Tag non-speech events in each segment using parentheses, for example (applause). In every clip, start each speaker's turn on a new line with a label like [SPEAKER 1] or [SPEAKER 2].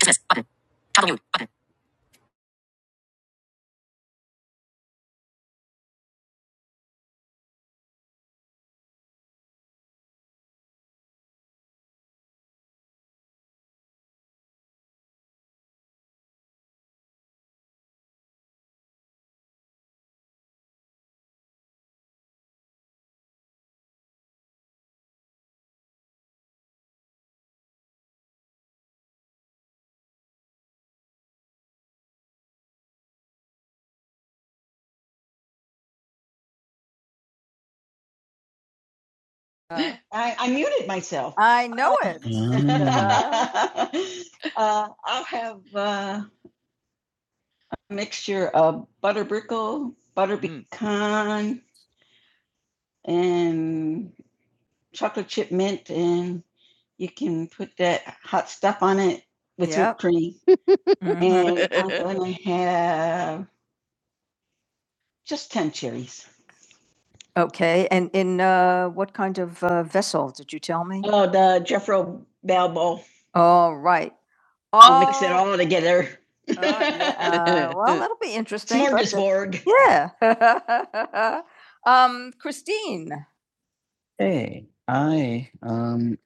[SPEAKER 1] Business button. Toggle mute button.
[SPEAKER 2] Uh, I, I muted myself. I know it. (laughs) (laughs) uh, I'll have uh, a mixture of butter brickle, butter Mm. pecan, mm. and chocolate chip mint, and you can put that hot stuff on it with Yep. whipped cream. (laughs) And I'm going to have just 10 cherries. Okay, and in uh, what kind of uh, vessel did you tell me? Oh, the Jeffro Bell bowl. All right. I'll mix it Oh, all together. (laughs) oh, yeah. Uh, Well, that'll be interesting. but, uh, Smorgasbord. Yeah. (laughs) Um, Christine, Hey, I um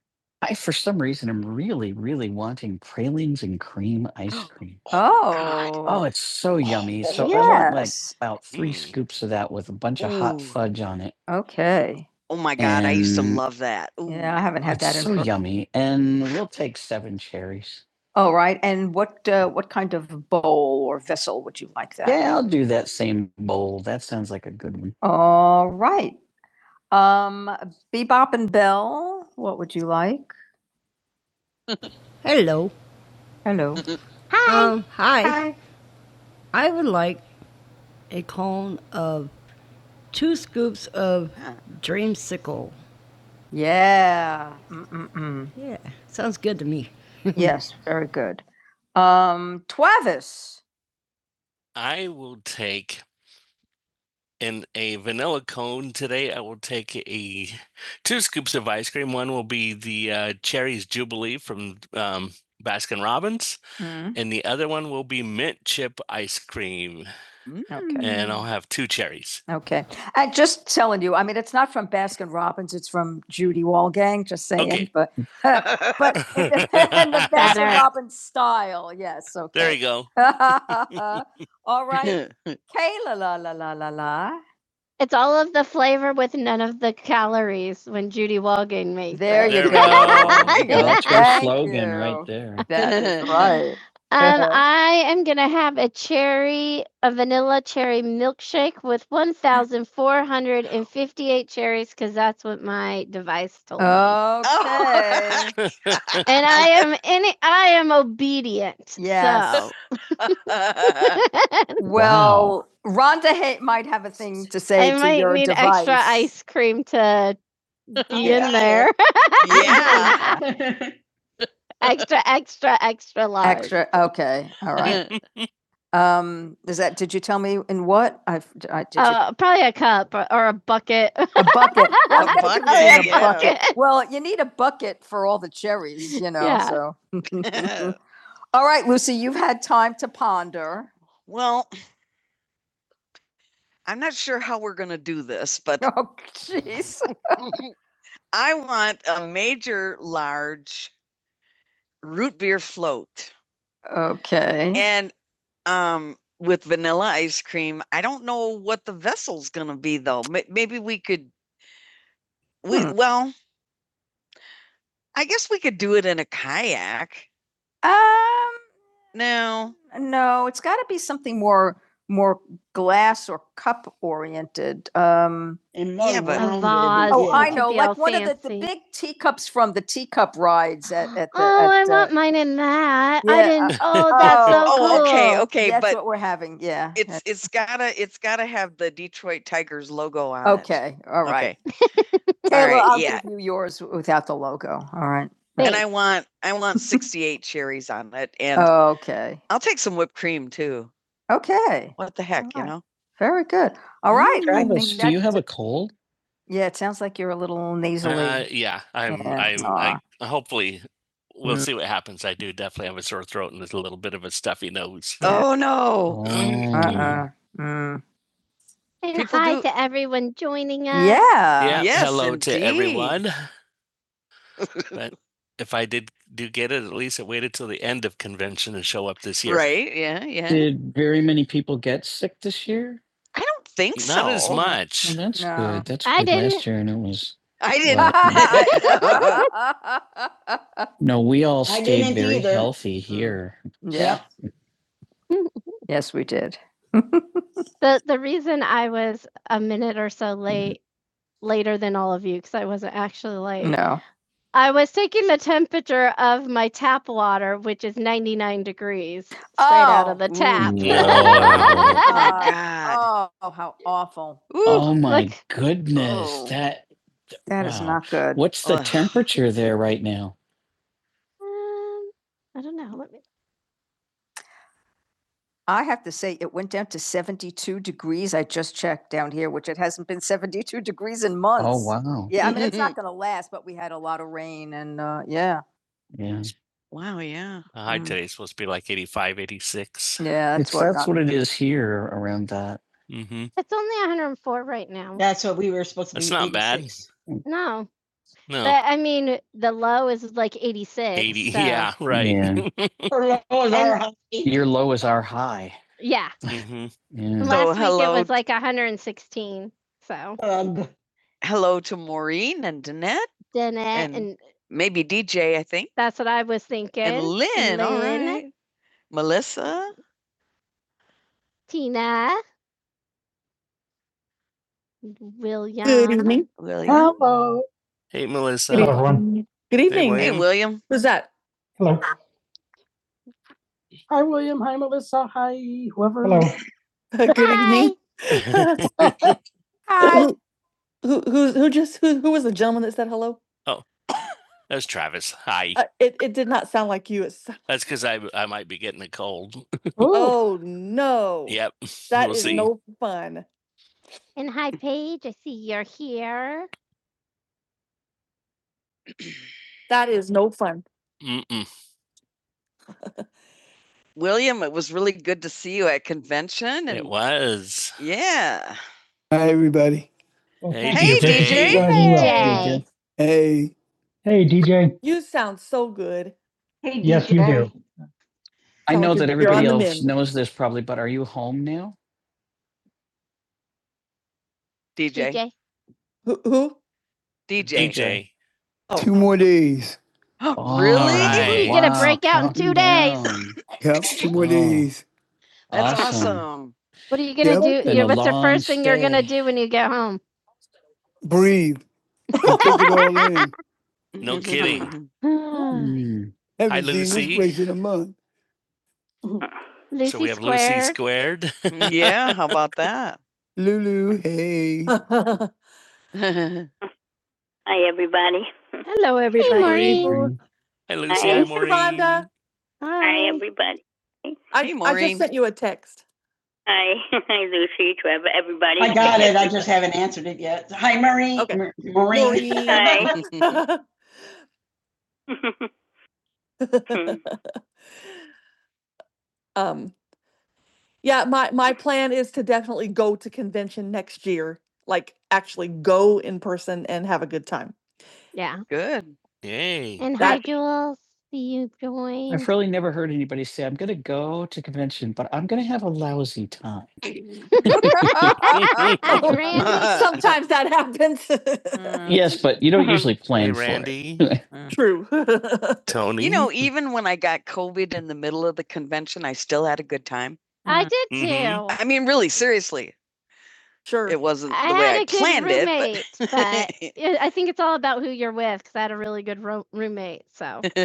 [SPEAKER 2] I for some reason am really, really wanting pralines and cream ice cream. (gasps) Oh, God. oh. it's so yummy. So yes. I want like Yes, about three Mm. scoops of that with a bunch of Ooh. hot fudge on it. okay. Oh my god, and I used to And- yeah, I Ooh, haven't had that It's that in. so for- yummy, and we'll take seven cherries. All right, and what, uh, what kind of bowl or vessel would you like that? Yeah, in? I'll do that same bowl. That sounds like a good one. All right, um, Bebop and Bell, what would you like? Hello. Hello. Hi. Um, hi. Hi. I would like a cone of two scoops of dreamsicle. Yeah. Mm-mm-mm. Yeah, sounds good to me. (laughs) Yes, very good. Um, Travis, I will take in a vanilla cone today. I will take a two scoops of ice cream. One will be the uh, Cherry's Jubilee from um, Baskin Robbins, Mm. and the other one will be mint chip ice cream. Okay. And I'll have two cherries. Okay. I just telling you, I mean, it's not from Baskin Robbins, it's from Judy Walgang, just saying, Okay. but uh, but (laughs) in the, Baskin Robbins style. Yes. Okay. There you go. (laughs) (laughs) All right. Kayla la la la la la. It's all me. There you go. (laughs) That's your Thank slogan you. right there. That is (laughs) right. Um, I device told me. Okay. me. (laughs) and I am any. I am obedient. Yes. So. (laughs) Well, wow. Rhonda ha- might have a thing to say I to might your need device. extra ice cream to be (laughs) Yeah. in there. (laughs) yeah. (laughs) extra, extra, extra large. Extra. Okay. All right. Um, is that, did you tell me in what? I've, I, did uh, you? Uh, probably a cup or, or a bucket. A bucket. (laughs) A bucket, a yeah. bucket. Well, you need a bucket for all the cherries, you know, Yeah. so. (laughs) All right, Lucy, you've had time to ponder. well, I'm not sure how we're going to do this, but Oh, jeez. (laughs) I want a major, large root beer float. Okay. And um, with vanilla ice cream, I don't know what the vessel's going to be though. May- Maybe we could we Hmm. well, I guess we could do it in a kayak. Um, No, No, it's got to be something more, more glass or cup oriented. Um, Yeah, but- A vase. oh, yeah. I know, like all one fancy. of the, the big teacups from the teacup rides at, at the. oh, I at, uh, want uh, mine in that. Yeah, I yeah, didn't. uh, Oh, (laughs) that's so oh, cool. oh, okay, okay, That's but what we're having, yeah. it's it's gotta it's gotta have the Detroit Tigers logo on okay, it. Okay, all right. Okay. Okay, All Kayla, right, I'll yeah. give you yours without the logo. All right. And Thanks. I want I want 68 (laughs) cherries on it and Okay. I'll take some whipped cream too. Okay. What the heck, All you Alright. know? Very good. All right. Do you I have a, do you have a cold? Yeah, it sounds like you're a little nasally. Uh, yeah, I'm. Yeah, i I, hopefully, we'll Mm. see what happens. I do definitely have a sore throat and a little bit of a stuffy nose. Oh no. Mm. Uh-uh. Mm. And People hi do- to everyone joining us. Yeah. Yeah. yes, hello indeed. to everyone. (laughs) but if I did do get it, at least it waited till the end of convention and show up this year. Right? Yeah, yeah. Did very many people get sick this year? I don't think Not so. Not as much. Well, that's No. good. That's I good. didn't. Last year, and it was I didn't. (laughs) (laughs) no. We all stayed very either. healthy here. Yeah. (laughs) yes, we did. (laughs) The the reason I was a minute or so late later than all of you because I wasn't actually late. No. I was taking the temperature of my tap water, which is 99 degrees straight oh, out of Oh. the tap. No. (laughs) Uh, oh, how awful. Ooh, Oh my look. goodness. Oh. That That is Wow. is not good. what's the Ugh. temperature there right now? Um, I don't know. Let me I have to say, it went down to 72 degrees. I just checked down here, which it hasn't been 72 degrees in months. Oh, wow. Yeah, I mean, (laughs) it's not going to last, but we had a lot of rain and, uh, yeah, Yeah. Wow, yeah. The high Mm. today's supposed to be like eighty-five, eighty-six. 86. yeah. that's, It's, what that's what it is here around that. Mm-hmm. It's only 104 right now. That's what we were supposed to be. That's not eighty-six. bad. No, no, But, I mean, the low is like 86. 80. so- Yeah, right. Yeah. (laughs) Her lows are And- high. Your low is our high. Yeah. hmm Yeah. So, Last so, week hello. it was like 116. So Um, Hello to Maureen and Danette, Danette, And- and, maybe DJ, I think, that's what I was thinking. and Lynn. All Lynn. All right, Melissa, Tina, William. Good evening. William. Hello. Hey, Melissa. Good evening. Good Hey, evening. Hey, William. Who's that? Hello. Hi, William. Hi, Melissa. Hi, whoever. (laughs) Good evening. (laughs) Hi. Who, who who who just who who was the gentleman that said hello? Oh, That's Travis. Hi. Uh, it it did not sound like you. It sound- (laughs) That's because I I might be getting a cold. (laughs) oh no! Yep. that we'll is see. no fun. And hi, Paige. I see you're here. That is no fun. Mm-mm. (laughs) William, it was really good to see you at convention. And It was. yeah, Hey, Hey, DJ. Hey, Hey, DJ. You sound so good. Hey, D J. Yes, you do. I know that everybody else knows this probably, but are you home now? DJ. DJ. DJ. Oh. two more, (gasps) All Really? right. He's gonna break out in two days. (laughs) yep, two more Oh. days. Oh, That's awesome. awesome. What are you gonna Yep. do? Been Yeah, what's the long first stay. thing you're gonna do when you get home? (laughs) No (laughs) kidding. (laughs) Hi, Lucy. in a month. So Lucy we have Lucy squared. squared. (laughs) yeah, how about that? Lulu, hey. (laughs) Hello, everybody. Hey, Maureen. Hi, Lucy. Hi, Maureen. Hi. Hi, everybody. I, Hey, Maureen. I just sent you a text. Buddy. I got it. I just (laughs) haven't answered it yet. Hi, Marie. Okay. Ma- Maureen. Hi. (laughs) um, yeah, my my plan is to definitely go to convention next year. Like actually go in person and have a good time. Yeah. Good. Yay. And hi, That- Jules. See you join. I've joined. really never heard anybody say, I'm going to go to convention, but I'm going to have a lousy time. (laughs) (laughs) (laughs) Randy. Sometimes that happens. (laughs) Mm. Yes, but you don't Uh-huh. usually Hey, plan for it. Randy. (laughs) Uh, True. (laughs) Tony. you know, even when I got COVID in the middle of the convention, I still had a good time. I Mhm. did Mhm. too. Mhm. I mean, really, seriously. Sure. It wasn't I the way had I a good planned roommate, it, roommate, but but (laughs) yeah, I think it's all about who you're with because I had a really good ro- roommate. So, (laughs)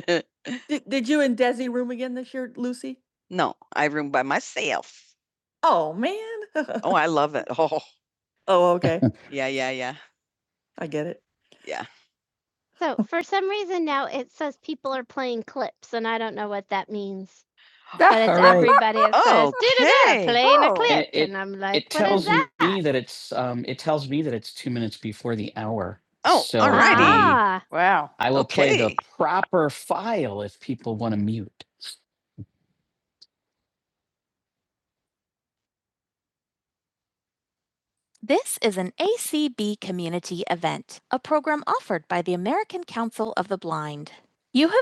[SPEAKER 2] Did, did you and Desi room again this year, Lucy? no, I room by myself. Oh, man. Oh, (laughs) I love it. (laughs) Oh, oh, okay. (laughs) yeah, yeah, yeah. I get it. Yeah. so for some reason now it says people are playing clips, and I don't know what that means but it's All right. everybody. It says, (laughs) Okay. da da a Oh. clip," It- it- and I'm like, it tells "What is tells that?" me that it's um it tells me that it's two minutes before the hour Oh, so alrighty. Ah, Wow. i will okay. play the Okay. proper file if people want to mute You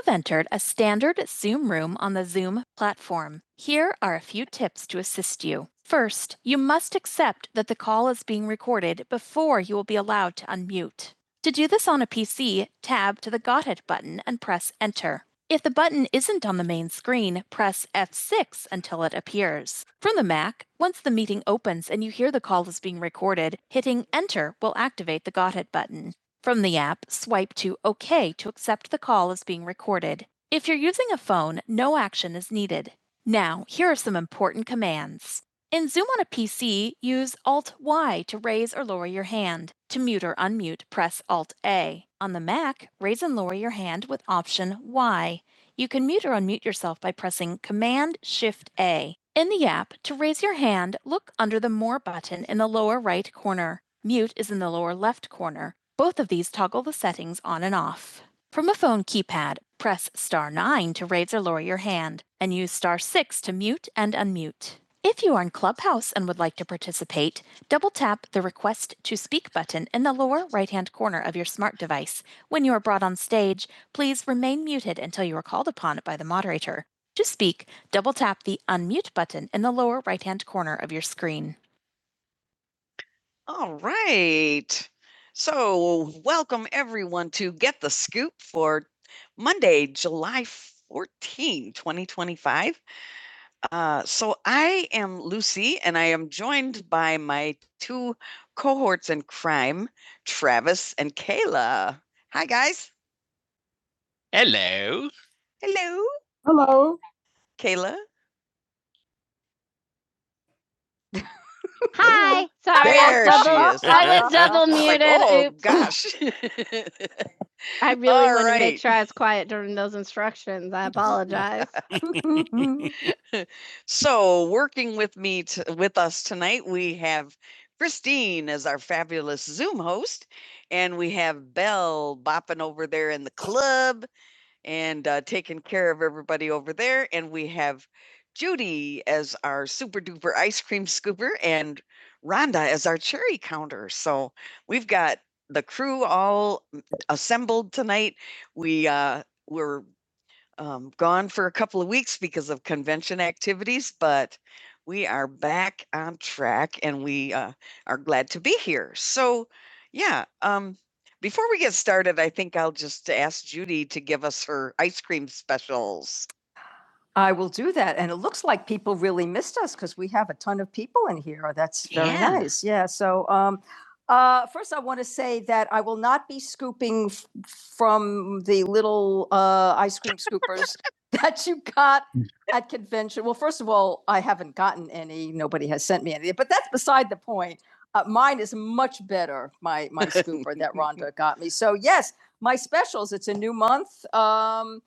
[SPEAKER 2] have entered a standard Zoom room on the Zoom platform. Here are a few tips to assist you. First, you mapped that was being made before to unmute. To do this on a PC, tab to the Got It button and press Enter. Button is F6 until it appears. For Mac, OID, hit up sway to Excel is being recorded. Own none is needed. Now, here are some important commands. PC and to mute or unmute, press Alt A self by shift all the settings on and off. Add press star 9 to raise or lower your hand and use star 6 to mute when you are brought on by the moderator. To speak, double tap the unmute button in the lower right hand corner of your screen. All right. So, welcome everyone to Get the Scoop for Monday, July fourteenth, 2025. Uh, so, I am Lucy and I am joined by my two cohorts in crime, Travis and Kayla. Hi, guys. Hello. Hello, Kayla. Hi. (laughs) Sorry, There I was double, she is. I was double (laughs) It's like, muted. oh, Oops. gosh. (laughs) I (laughs) really All wanted right. to right. make sure I was quiet during those instructions. I apologize. (laughs) (laughs) So, working with me t- with us tonight, we have Christine as our fabulous Zoom host, and we have Belle bopping over there in the club, and uh, taking care of everybody over there. And we have Judy as our super duper ice cream scooper and Rhonda as our cherry counter. So we've got the crew all assembled tonight. We uh, we're um, gone for a couple of weeks because of convention activities, but we are back on track and we uh, are glad to be here. So, yeah, um, before we get started, I think I'll just ask Judy to give us her ice cream specials. I will do that. And it looks like people really missed us because we have a ton of people in here. Oh, That's very Yeah. nice. Yeah. So, um, uh, first, I want to say that I will not be scooping f- from the little uh, ice cream scoopers (laughs) that you got at convention. Well, first of all, I haven't gotten any. Nobody has sent me any, but that's beside the point. Uh, mine is much better. My my (laughs) scooper that Rhonda got me. So yes, my specials. It's a new month. Um,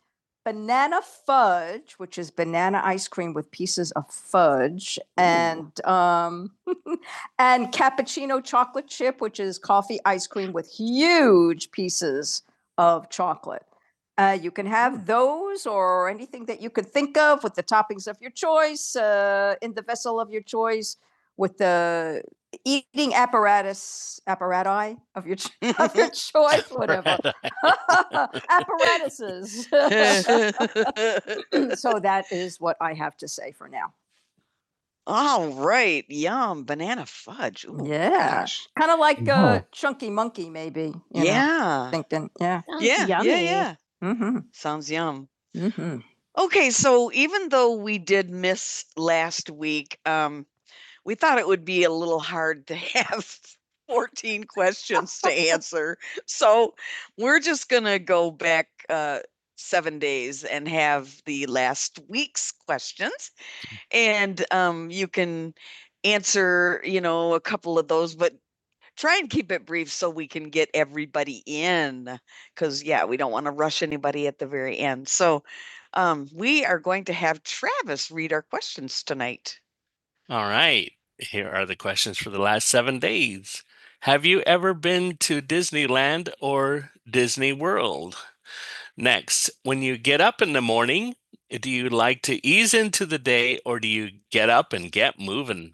[SPEAKER 2] banana fudge, which is banana ice cream with pieces of fudge, and um, (laughs) and cappuccino chocolate chip, which is coffee ice cream with huge pieces of chocolate. Uh, you can have those or anything that you could think of with the toppings of your choice uh, in the vessel of your choice with the eating apparatus, apparati of your, (laughs) of your choice, whatever. (laughs) Apparatuses. (laughs) So that is what I have to say for now. All right. Yum. Banana fudge. Ooh, Yeah. Kind of like a uh, Wow. Chunky Monkey, maybe. you know, Yeah. know, Thinking, yeah. Sounds Yeah. yummy. Yeah. Yeah. Mm-hmm, Sounds yum. mm-hmm. Okay, so even though we did miss last week, um, we thought it would be a little hard to have (laughs) 14 questions to (laughs) answer. So we're just going to go back uh, seven days and have the last week's questions. And um, you can answer, you know, a couple of those, but try and keep it brief so we can get everybody in. Because, yeah, we don't want to rush anybody at the very end. So um, we are going to have Travis read our questions tonight. All right. Here are the questions for the last seven days. Have you ever been to Disneyland or Disney World? Next, when you get up in the morning, do you like to ease into the day or do you get up and get moving?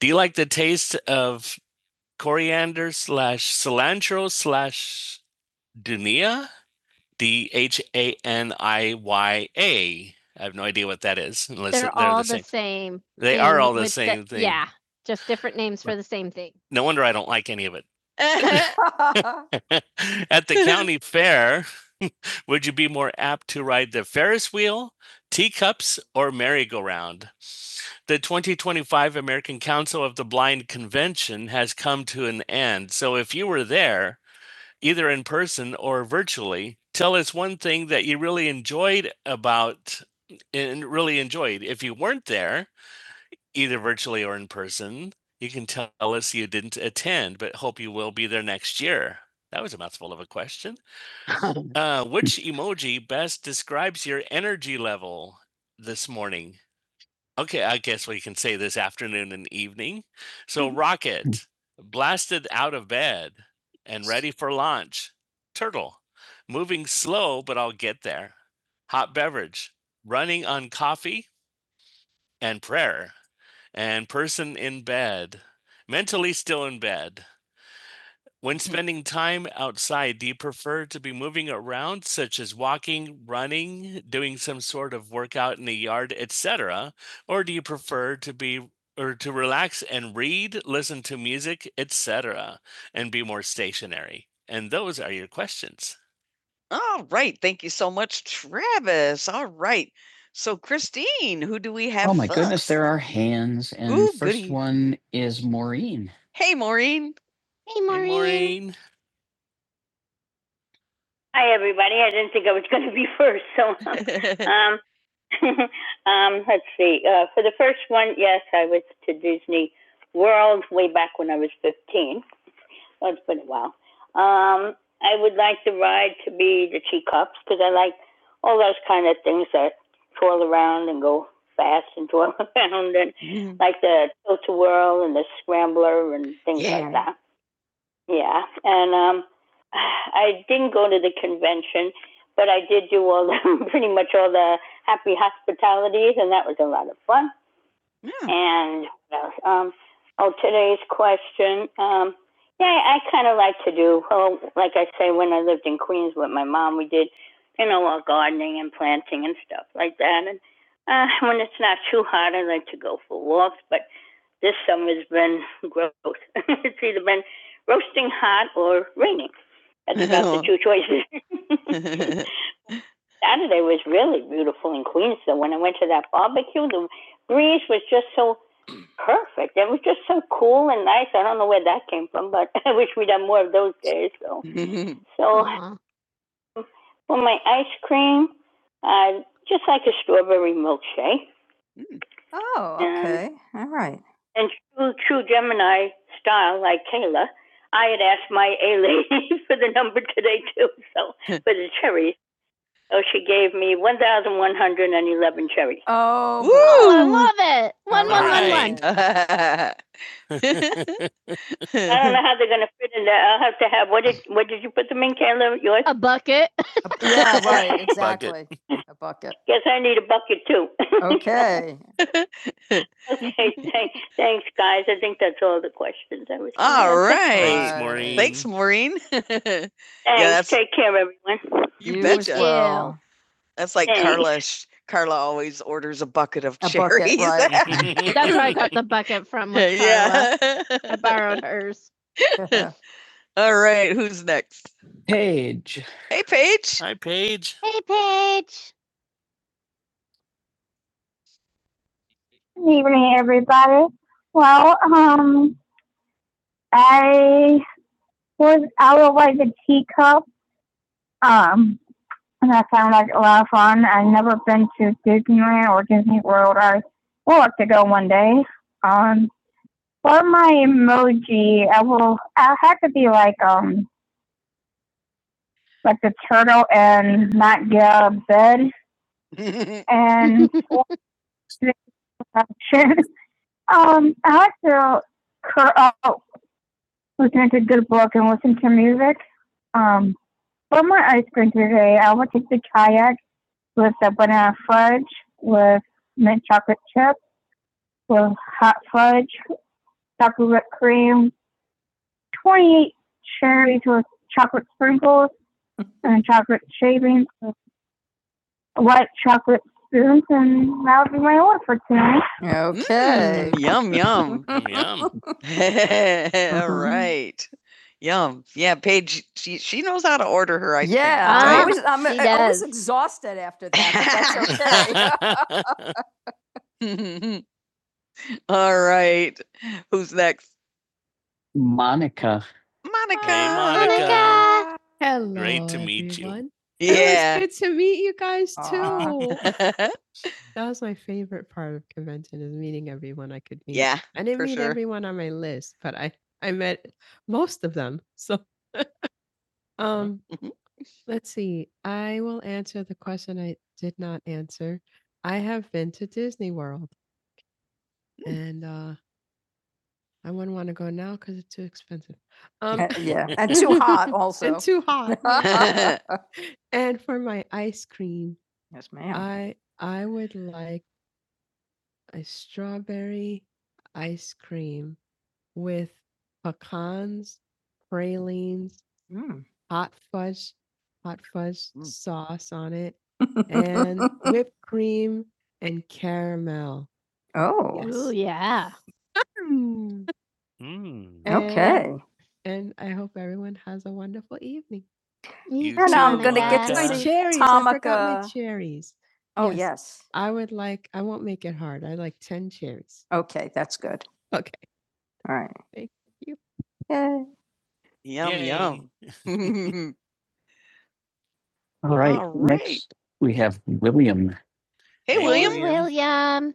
[SPEAKER 2] Do you like the taste of coriander slash cilantro slash dunia? D H A N I Y A. I have no idea what that is. Unless They're they're, all the same. same. They are all the with same the, thing. Yeah, just different names for the same thing. No wonder I don't like any of it. (laughs) (laughs) At the county fair, (laughs) would you be more apt to ride the Ferris wheel, teacups, or merry-go-round? The 2025 American Council of the Blind Convention has come to an end. So if you were there, either in person or virtually, tell us one thing that you really enjoyed about and really enjoyed. If you weren't there, either virtually or in person, you can tell us you didn't attend, but hope you will be there next year. That was a mouthful of a question. (laughs) Uh, which emoji best describes your energy level this morning? Okay, I guess we can say this afternoon and evening. So, Rocket, blasted out of bed and ready for launch. Turtle, moving slow, but I'll get there. Hot beverage, running on coffee and prayer. And person in bed, mentally still in bed. When spending time outside, do you prefer to be moving around, such as walking, running, doing some sort of workout in the yard, etc., or do you prefer to be or to relax and read, listen to music, etc., and be more stationary? And those are your questions. All right. Thank you so much, Travis. All right. So, Christine, who do we have Oh my goodness, first? there are hands. And Ooh, first goody. one is Maureen. Hey, Maureen. Hey, Hey, Maureen. Maureen. Hi, everybody. I didn't think I was going to be first, so. (laughs) Um, (laughs) um, let's see. Uh, for the first one, yes, I was to Disney World way back when I was 15. Oh, it's been a while. Um, I would like the ride to be the Tea Cups because I like all those kind of go fast and twirl (laughs) around and mm. like the twirl and things Yeah. like that. Yeah. And with my mom, that's about the two shows (laughs) that came from, but (laughs) I wish we'd done more of those days. So, (laughs) so Aw. milkshake. Mm. Oh, And- okay. And, All right. And Oh, Woo! I love it. One, one, one, Right. one. one. Uh, (laughs) I don't know (laughs) how, what you know, yours. A bucket. (laughs) yeah, right. Bucket. Exactly. Bucket. A bucket. Okay. (laughs) Okay. All right. Bye. Maureen. Thanks, Maureen. (laughs) Thanks, yeah, that's- take You as betcha. well. That's like Hey. Carla. Carla always orders a bucket of A bucket, cherries. Bucket, right. (laughs) That's where I got the bucket from. with Carla. yeah. I borrowed hers. (laughs) All right. Who's next? Paige. Hey, Paige. Hi, Paige. Hey, Paige. Good evening, everybody. Well, um, I was out like a teacup, um, and that sounded like a lot of fun. I've never been to Disneyland or Disney World. I have to go one well, I had to be like um like the in bed (laughs) and watch the options. Um, I had to curl, uh, listen to music. Um, for my ice cream today, I would take the kayak with the banana fudge, with mint chocolate chip, with hot fudge, chocolate whipped cream, 28 cherries with chocolate sprinkles, and chocolate shavings, white chocolate spoons, and that'll be my order for tonight. Okay. Mm, yum, yum. (laughs) Yum. (laughs) All right. Yum. Yeah, Paige, she, she knows how to order her. I yeah, Ah, I'm, Right? always, I'm, I'm exhausted after that. But that's okay. (laughs) (laughs) All right. Who's next? Monica. Monica. Hey, Monica. Monica. Hello. Great to meet everyone. you. everyone. It was Yeah. good to meet you guys too. (laughs) That was my favorite part of convention is meeting everyone I could meet. Yeah, I didn't for meet sure. everyone on my list, but I I met aunts go now because it's too expensive. Um, (laughs) Uh, yeah, and too hot (laughs) and also. (laughs) too hot. Yeah. yes, ma'am. I I would like a strawberry with pecans Mm. (laughs) and whipped. oh, Ooh, Yes. Oh yeah. Mm. and- okay. And I hope everyone has Me You And I'm too, gonna Mom. get to That's my to cherries. I forgot my Tamika. cherries. Oh Yes. yes. I would like Okay, that's good. All right. Yay. Yum, Yay. yum. (laughs) (laughs) All right. All right. Next, we have William. Hey, William. Hey, William. William.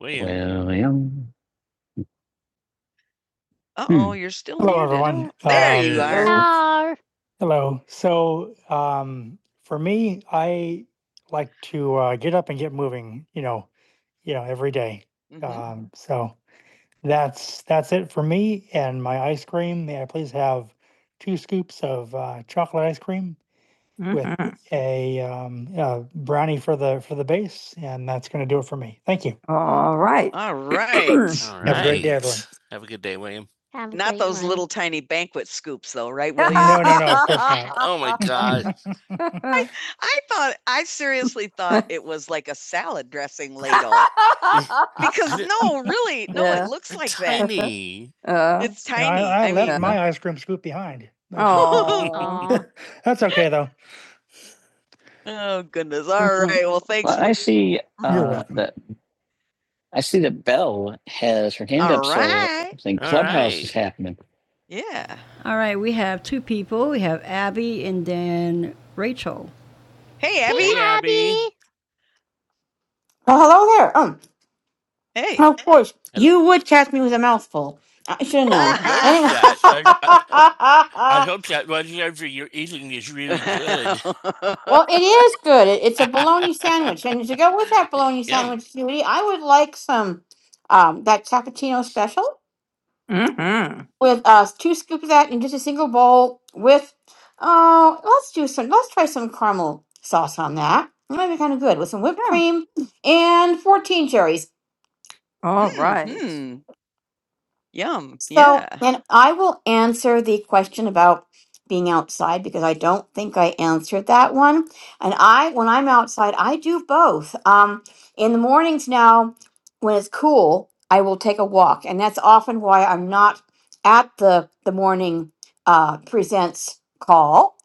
[SPEAKER 2] William. Uh oh, you're still Hello, muted. everyone. Oh, There you Um, you are. No. Mhm. Um, with (laughs) Mhm. Thank you. All right. All right. (clears throat) All right. Have a great day, right. everyone. Have a good day, William. Have a Not those one. little tiny banquet scoops though, right? No, William? (laughs) No, no, no, (laughs) Oh my God. (laughs) I I thought I seriously thought it was like a salad dressing ladle (laughs) because no, really, no, Yeah. it looks like that. Tiny. that. Uh, It's No, tiny. No, I, I I left mean, my ice cream scoop behind. oh, (laughs) That's okay though. oh goodness. All right. Well, thanks. Well, I see uh, that I see that Belle has her hand up. All up, So right. I think All Clubhouse right. is happening. Yeah. All right, we have two people. We have Abby and then Rachel. Hey, Abby. Hey, Abby.
[SPEAKER 3] Oh, hello there. Um,
[SPEAKER 2] Hey.
[SPEAKER 3] of course,
[SPEAKER 2] Hello.
[SPEAKER 3] you
[SPEAKER 2] (laughs)
[SPEAKER 3] would catch me with a mouthful. I should have known.
[SPEAKER 2] Notice
[SPEAKER 3] Anyway,
[SPEAKER 2] that. I, I- hope that whatever you're eating is really good.
[SPEAKER 3] (laughs) well, it is good. It, it's a bologna sandwich, and to go with that
[SPEAKER 2] (laughs)
[SPEAKER 3] bologna
[SPEAKER 2] Yum.
[SPEAKER 3] sandwich, Judy, I would like some um that cappuccino special
[SPEAKER 2] Mm-hmm.
[SPEAKER 3] with uh two scoops of that in just a single bowl with oh, let's do some. Let's try some caramel sauce on that. That might be kind of good with some whipped
[SPEAKER 2] Yeah.
[SPEAKER 3] cream and 14 cherries.
[SPEAKER 2] All mm-hmm. right. Mm, Yum.
[SPEAKER 3] So,
[SPEAKER 2] Yeah.
[SPEAKER 3] and I will answer the question about being outside because I don't think I answered that one. And I, when I'm outside, I do both. Um, in the mornings now, when it's cool, I will take a walk, and that's often why I'm not at the the morning uh, presents call.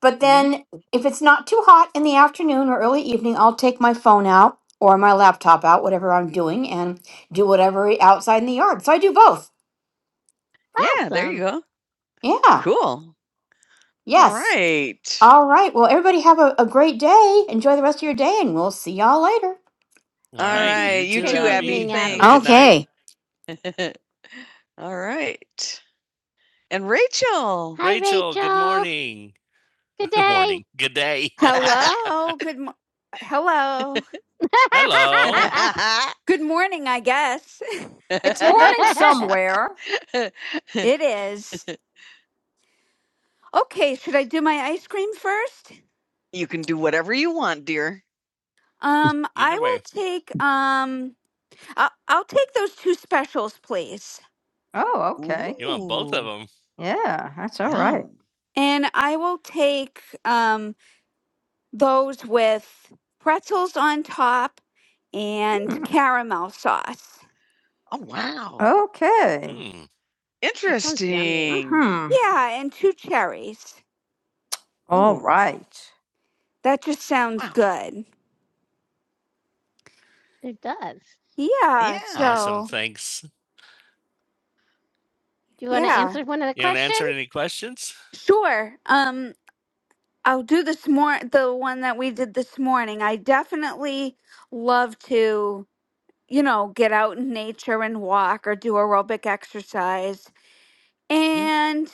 [SPEAKER 3] But
[SPEAKER 2] Mhm.
[SPEAKER 3] then, if it's not too hot in the afternoon or early evening, I'll take my phone out or my laptop out, whatever I'm doing, and do whatever outside in the yard. So I do both.
[SPEAKER 2] Yeah, there you Awesome. go.
[SPEAKER 3] Yeah.
[SPEAKER 2] Cool. All
[SPEAKER 3] Yes.
[SPEAKER 2] right.
[SPEAKER 3] All right. Well, everybody have a, a great day. Enjoy the rest of your day, and we'll see y'all later.
[SPEAKER 2] All All right. right. You You too, Good too, Abby. evening, Abby. Have a good Abby.
[SPEAKER 3] Okay.
[SPEAKER 2] Thanks. night. Thanks. (laughs) All right. And Rachel. (laughs) Hi, Rachel, good Rachel. morning. Good (laughs) Good day. morning. Good day. (laughs)
[SPEAKER 4] Hello. Good. Mo- Hello.
[SPEAKER 2] Hello. (laughs)
[SPEAKER 4] Good morning. I guess
[SPEAKER 2] It's morning somewhere.
[SPEAKER 4] (laughs) it is. Okay. Should I do my ice cream first?
[SPEAKER 2] you can do whatever you want, dear.
[SPEAKER 4] Um, I
[SPEAKER 2] Either
[SPEAKER 4] will
[SPEAKER 2] way,
[SPEAKER 4] take um, I'll, I'll take those two specials, please,
[SPEAKER 2] Oh, okay. Ooh. you want both of them. Yeah, that's all right.
[SPEAKER 4] and I will take um those with pretzels on top
[SPEAKER 2] Oh.
[SPEAKER 4] and
[SPEAKER 2] right.
[SPEAKER 4] caramel sauce.
[SPEAKER 2] Oh wow. Okay. Mm. Interesting. Hmm.
[SPEAKER 4] Yeah, and two cherries.
[SPEAKER 2] All right.
[SPEAKER 4] That just sounds
[SPEAKER 2] Wow.
[SPEAKER 4] good.
[SPEAKER 2] It does. Yeah.
[SPEAKER 4] Yeah.
[SPEAKER 2] Awesome.
[SPEAKER 4] So
[SPEAKER 2] Thanks. Do you want to
[SPEAKER 4] yeah,
[SPEAKER 2] answer one of the You questions? You want to answer any questions?
[SPEAKER 4] sure. Um. I'll do this more the one that we did this morning. I definitely love to, you know, get out in nature and walk or do aerobic exercise.
[SPEAKER 2] Mm,
[SPEAKER 4] And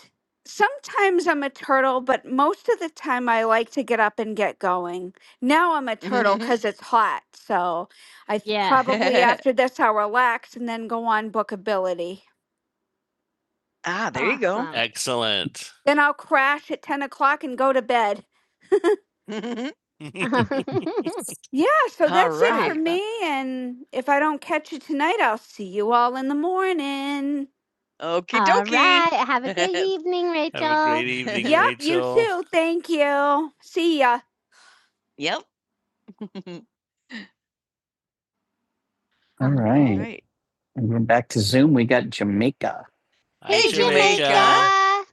[SPEAKER 4] sometimes I'm a turtle, but most of the time I like to get up and get going. Now I'm a turtle
[SPEAKER 2] mhm. (laughs)
[SPEAKER 4] cuz it's hot. So I th- probably
[SPEAKER 2] Yes.
[SPEAKER 4] after this I'll relax and then go on bookability.
[SPEAKER 2] Ah, there you go. Awesome. (laughs) Excellent. (laughs) (laughs) (laughs)
[SPEAKER 4] Then I'll crash at 10 o'clock and go to bed.
[SPEAKER 2] Mhm. Awesome.
[SPEAKER 4] Yeah, so
[SPEAKER 2] All
[SPEAKER 4] that's it for
[SPEAKER 2] right. Awesome.
[SPEAKER 4] me. And if I don't catch you tonight, I'll see you all in the morning.
[SPEAKER 2] Okie All dokie. right. Have a great (laughs) evening, Rachel. Have a Rachel. great evening,
[SPEAKER 4] Yep, you
[SPEAKER 2] Rachel.
[SPEAKER 4] too. Thank you. See ya.
[SPEAKER 2] Yep. (laughs) All All right. right. And we're back to Zoom, we got Jamaica. Hi, Hey, Hey, Jamaica. Jamaica. Jamaica.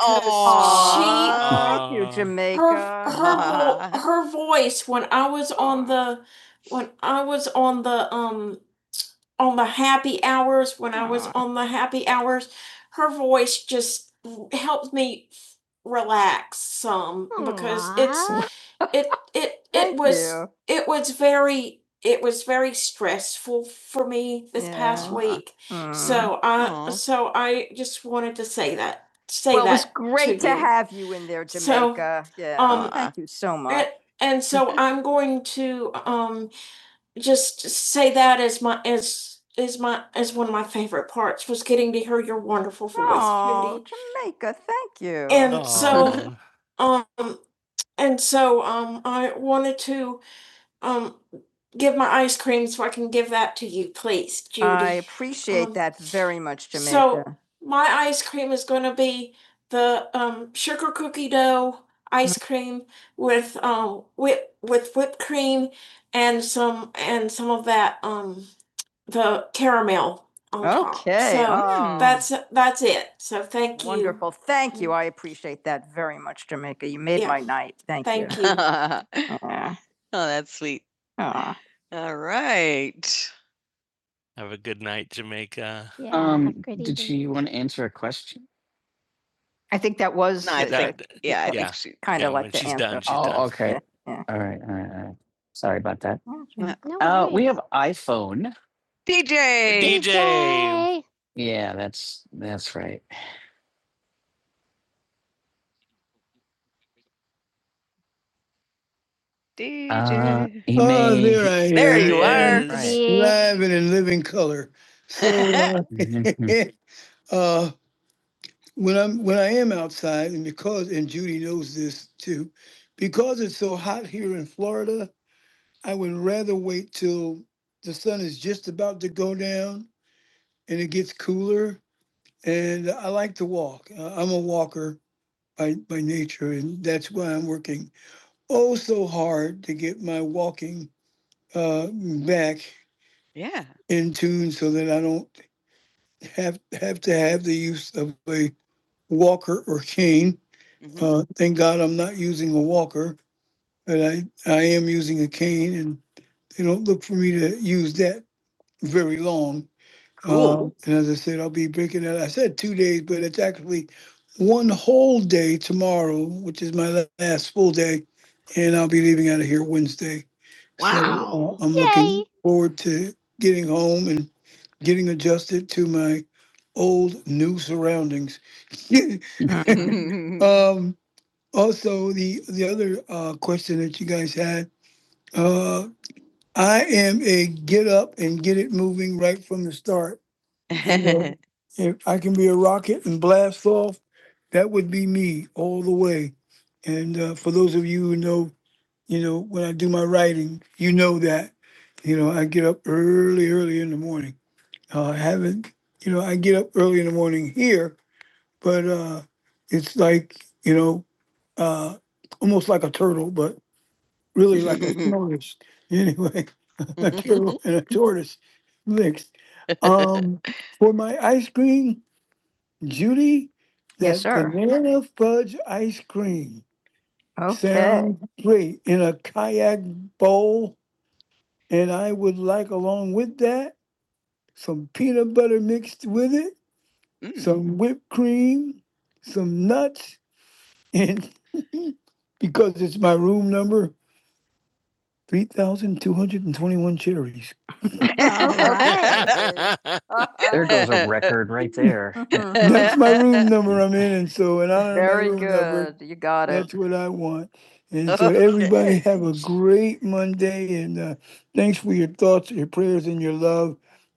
[SPEAKER 2] Oh, Aw. she thank you, Jamaica. Her, her (laughs) whole- her on the um when I was on the voice just helped me relax um, because it's it it it was it was was very stressful for me this past Yeah. past week. Aww. So I Aw. so I just wanted to say that say well, that. it was great to, you. have you in there, So, Jamaica. So, yeah, um, thank you so much. and, and so (laughs) I'm going to um just say that as my as is my as one of my favorite parts was getting to hear your wonderful voice. Oh, Judy. Jamaica, thank you. And Aw. so um and so um I wanted to um give my ice cream so I can give that to you, please, Judy. I appreciate Um, that very much, Jamaica. so- the ice with with some and some of um on top. okay. So oh, that's Thank you. Wonderful. Thank you. I appreciate that very much, Jamaica. You made Yeah. my night. Thank you. Thank (laughs) you. oh, Aw, that's sweet. aw. All right. Have a good night, Jamaica. Yeah, have a Um, great did evening. she want to answer a question? I think that was No, I think, yeah, I yeah. think she, kind yeah, of when like the she's done, answer. she's done. Oh, okay. Yeah. All right, all right, all right. Sorry about that. Yeah. No Uh, we worries. have iPhone. DJ. DJ. Yeah, that's, that's right. Uh, DJ. he Oh, made- there I am. There am. you are. is. Right. Mhm. (laughs) when I am out, he knows this too. Because out here in Florida, I would rather wait till the stop to go down gets cooler. I Like uh, I'm a walker by, by nature, and that's why I'm working uh, Yeah. in tunes. Wayne, Mhm. uh, thank God I'm not using a walker, and I'm using. They don't look for me to use that. Um, Cool. Wow. so, uh, I'm Yay. looking when I do some (laughs) Um, you know, (laughs) old- and uh, for those of you who know, it's like uh, really like a tortoise. (laughs) Anyway, a turtle and a tortoise mixed. Um, for my ice cream, Judy, Yes, sir. banana f- cream. Okay. Sound Mm. some with some nuts in room number twenty one cherries. (laughs) Right. There goes a record right there. (laughs) That's my room number I'm in, and so and I don't Very room number. good. You got it. That's what I want. And so (laughs) okay. everybody have a great. uh, thanks.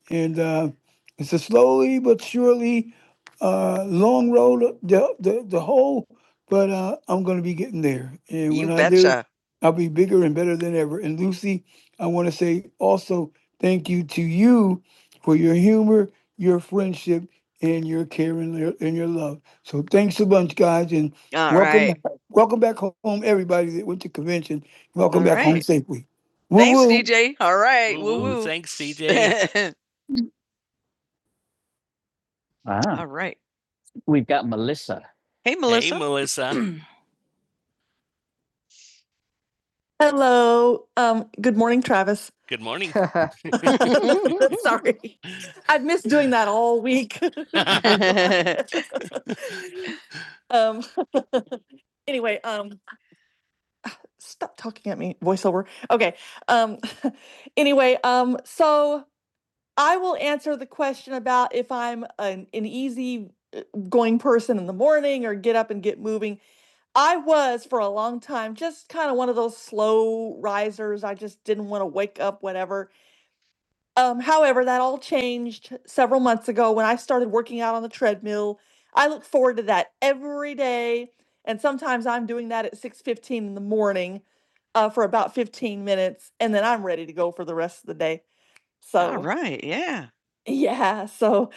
[SPEAKER 2] And, uh, and You when I do, betcha. I'll be bigger than ever. And Lucy, I want to say also thank you to you for your humor. All Welcome, right. back, welcome All back home right. safe. Woo Thanks, woo. DJ. All right. Woo Woo woo. woo. Thanks, CJ. Ah, (laughs) All right. we've got Melissa. Hey, Melissa. Hey, Melissa. (clears throat) Hello. Um, good morning, Travis. Good morning. (laughs) (laughs) Sorry. I've missed doing that all week. (laughs) um, (laughs) anyway, um, stop talking at me, voiceover. Okay. Um, (laughs) anyway, um, so I will answer the question about if I'm an, an easy uh, going person in the morning or get up and get moving. I was for a long time just kind of one of those slow risers. I just didn't want to wake up Whatever. Um, however, that all changed several months ago when I started working out on the treadmill. I look forward to that every day, and sometimes I'm doing that at 6:15 in the morning uh, for about 15 minutes, and then I'm ready to go for the rest of the day. All So right. Yeah. yeah, so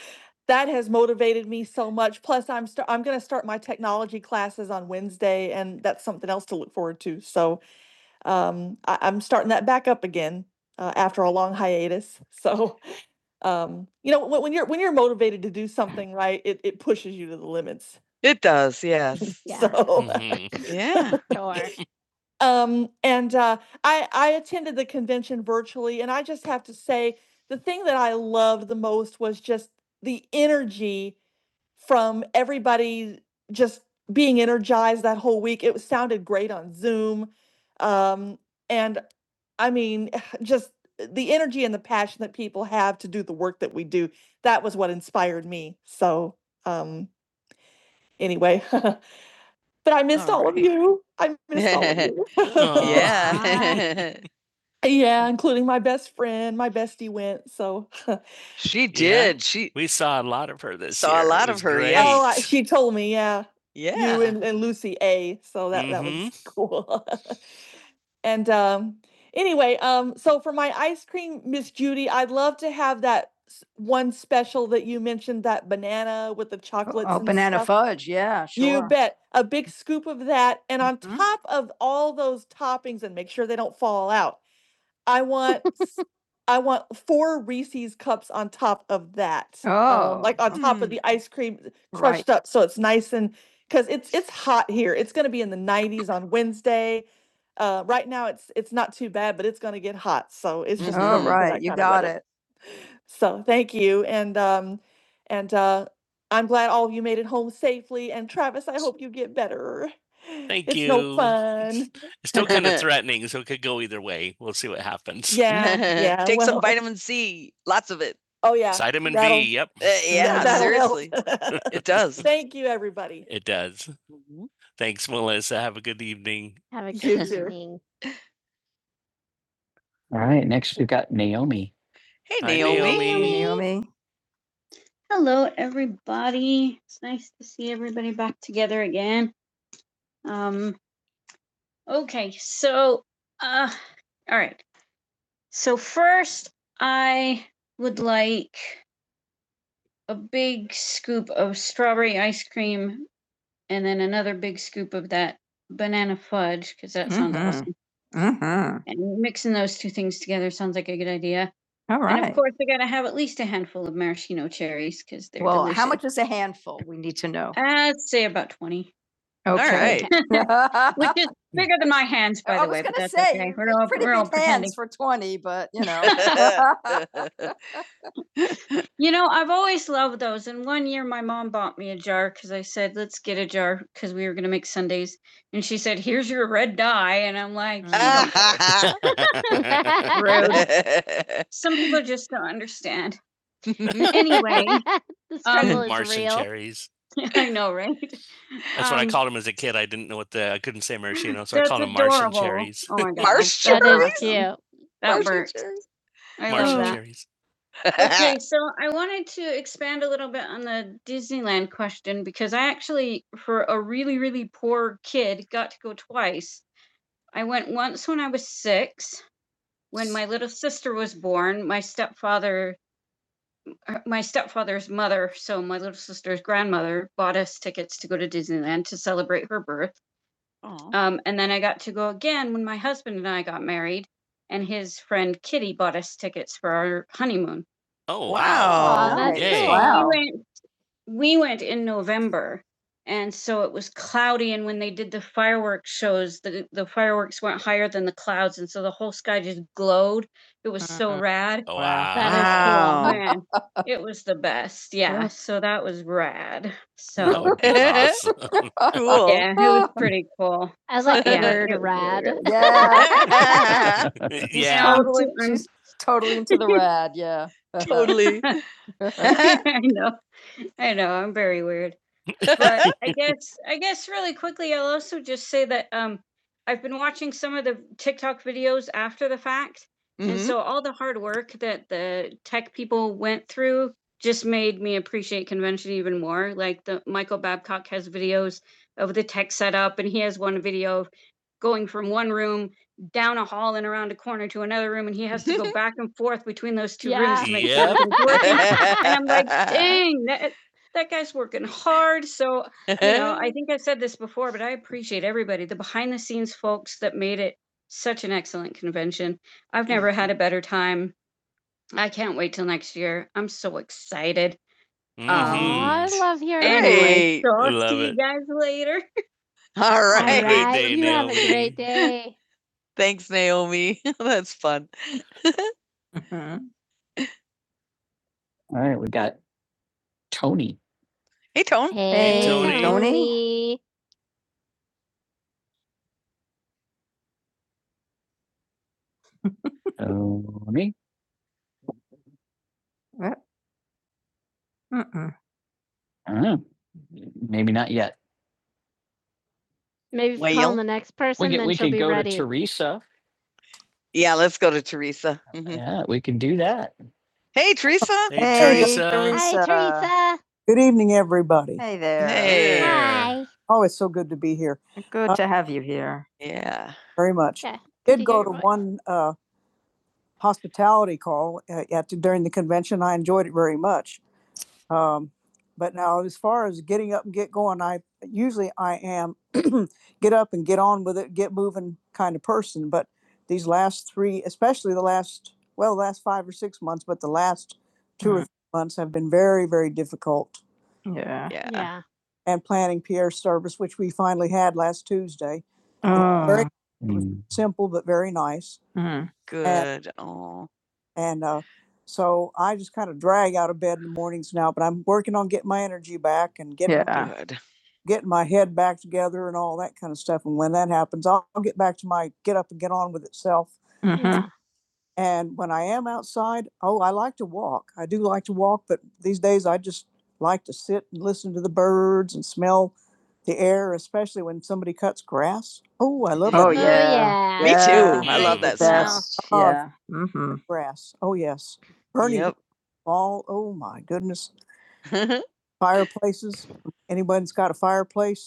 [SPEAKER 2] that has motivated me so much. Plus, I'm st- I'm going to start my technology classes on Wednesday, and that's something else to look forward to. So um, I- I'm starting that back up again uh, after a long hiatus. (laughs) So um, you know, when, when you're when you're motivated to do something right, it it pushes you to the limits. It does. Yes. (laughs) Yeah, So (laughs) hmm Yeah. sure. Um, and uh, I, I attended the convention virtually, and I just have to say the thing that I loved the most was just the energy from everybody just being energized that whole week. It sounded great on Zoom. Um, and I mean, (sighs) just the energy and the passion that people have to do the work that we do, that was what inspired me. So, um, anyway, (laughs) but I missed all, all right. of you. I missed (laughs) all of you. (laughs) Yeah. (laughs) yeah, including my best friend. My bestie went. So, (laughs) she did. Yeah. She We saw a lot of her this Saw a year. It lot of her, Yeah. oh, I, she told me. Yeah, yeah. you and, and Lucy A. So that mm-hmm. that was cool. (laughs) And um, anyway, um, so for my ice cream, Miss Judy, I'd love to have that s- one special that you mentioned, that banana with the Oh, chocolates Oh, and banana stuff. fudge, yeah, You sure. bet. A big scoop of that. And on Mhm. top of all those toppings, and make sure they don't fall out, I want (laughs) I want four Reese's cups on top of that. Oh, um, like Oh, on top mm. of Mm. the ice cream right. crushed right. up so it's nice and because it's it's hot here. It's gonna be in the 90s on Wednesday. Uh, right now it's it's not too bad, but it's gonna get hot. So it's just all right. you got it. So thank you, and um, and uh, I'm glad all of you made it home safely. And Travis, I hope you get better. Thank It's no you. It's, fun. It's still kind of (laughs) threatening, so it could go either way. We'll see what happens. (laughs) Yeah, yeah. Take some well, vitamin C, lots of it. Oh yeah. Vitamin that'll- B. Yep, Uh, yeah, (laughs) that'll help. seriously, (laughs) it (laughs) does. Thank you, everybody. it does. Mhm. Thanks, Melissa. Have a good evening. Have a You good too. evening. All right, next we've got Naomi. Hey, Hi, Naomi. Naomi. Naomi. Hello, everybody. It's nice to see everybody back together again. Um, okay, so, uh, all right. So, first, I would like a big scoop of strawberry ice cream and then another big scoop of that banana fudge because that sounds Mhm. awesome. Mhm. And mixing the, yeah. All right. And of course, I got to have at least a handful of maraschino cherries because they're well, delicious. how much is a handful? We need to know. I'd say about 20. Okay. All right. (laughs) Which is bigger than my hands, by the way. I was gonna say, okay. We're all, pretty we're all big hands for twenty, but you know. (laughs) (laughs) You know, I've always loved those. And one year my mom bought me a jar because I said, let's get a jar because we were going to make Sundays. And she said, here's your red dye. And I'm like, (laughs) (laughs) "You some people just don't understand. (laughs) Anyway, (laughs) The struggle um, is Martian real. cherries. (laughs) I know, right? That's um, what I Um, called him as a kid. I didn't know what the I couldn't say maraschino, so I called them Martian cherries. Oh my (laughs) god. Martian that- That is cute. That works. cherries. Martian cherries. (laughs) Okay, so I wanted to expand a little bit on the Disneyland question because I actually, for a really, really poor kid, got to go twice. I went once when I was six, when my little sister was born. My stepfather, uh, my stepfather's mother, so my little sister's grandmother, bought us tickets to go to Disneyland to celebrate her birth. Oh. Um, and then I got to go again when my husband and I got married, and his friend Kitty bought us tickets for our honeymoon. Oh, wow. Wow. Aw, that's cool. Wow. We went we went in November. And so it was cloudy and when they did the fireworks shows, the the fireworks went higher than the clouds and so the whole sky just glowed. It was uh-huh. so Uh-uh. rad. Oh, Wow. wow. Oh, Wow. man, (laughs) it was the best. Yeah, so that was rad. So (laughs) awesome. cool. yeah, it was (laughs) pretty cool. I was like Yeah, (laughs) rad. really Yeah. (laughs) yeah. Totally Totally, totally into the rad. Yeah. (laughs) totally. (laughs) I know. I know I'm very weird, (laughs) but I guess I guess really quickly I'll also just say that um I've been watching some of the TikTok videos after the fact, and hmm so all the hard work that the tech people went through just made me appreciate convention even more. Like the Michael Babcock has videos of the tech setup, and he has one video of going from one room down a hall and around a corner to another room, and he has to go (laughs) back and forth between those two rooms Yeah. to make sure Yep. everything's working. (laughs) And I'm like, (laughs) dang, that guy's working hard. So, you know, I (laughs) think I've said this before, but I appreciate everybody, the behind the scenes folks that made it such an excellent convention. I've never had a better time. I can't wait till next year. I'm so excited. Mm-hmm. um, I Mhm. love your Hey, Anyway, so I'll Love see it. you guys later. (laughs) All right, All right. (laughs) right. day, you Naomi. have a great day. (laughs) Thanks, Naomi. (laughs) That's fun. (laughs) Mhm. All right, we got Tony. Hey, Tony. Hey, Tony. Tony. Tony. (laughs) Tony. Uh, Mm-mm. I don't know. Maybe not yet. Maybe if we call the next person, We person, then we she'll could be go to ready. to Teresa. Yeah, let's go to Teresa. Mhm. Yeah, we can do that. Hey, Teresa. Hey, hey Teresa. Teresa. Hi, Teresa. Good evening, everybody. Hey there. Hey. Hi. Oh, it's so good to be here Good uh, to have you here. Yeah. very much. Yeah, Did go to one uh, hospitality call uh, at, during the convention. I enjoyed it very much. Um, but now, as far as getting up and get going, I usually I am (clears throat) get up and get on with it, get moving kind of person. But these last three, especially the last, well, the last five or six months, but the last 2 mm-hmm. or three months have been very, very difficult yeah. Yeah. Yeah. and planning peer service, which we finally had last Tuesday. Oh, Very mm. simple, but very nice. mm, Good. And, Oh. And uh, so I just kind of drag out of bed in the mornings now, but I'm working on getting my energy back and getting Yeah. Good. getting my together and all. And when that happened, back to my get up and get on with itself. mhm. I am. I like to, like to sit and look at the birds and smell Oh, I love a Oh, Oh, that yeah. yeah. Me Yeah. too. I love Great that The smell. best. Oh, Yeah. Mm-hmm. grass. Bernie, you Yep.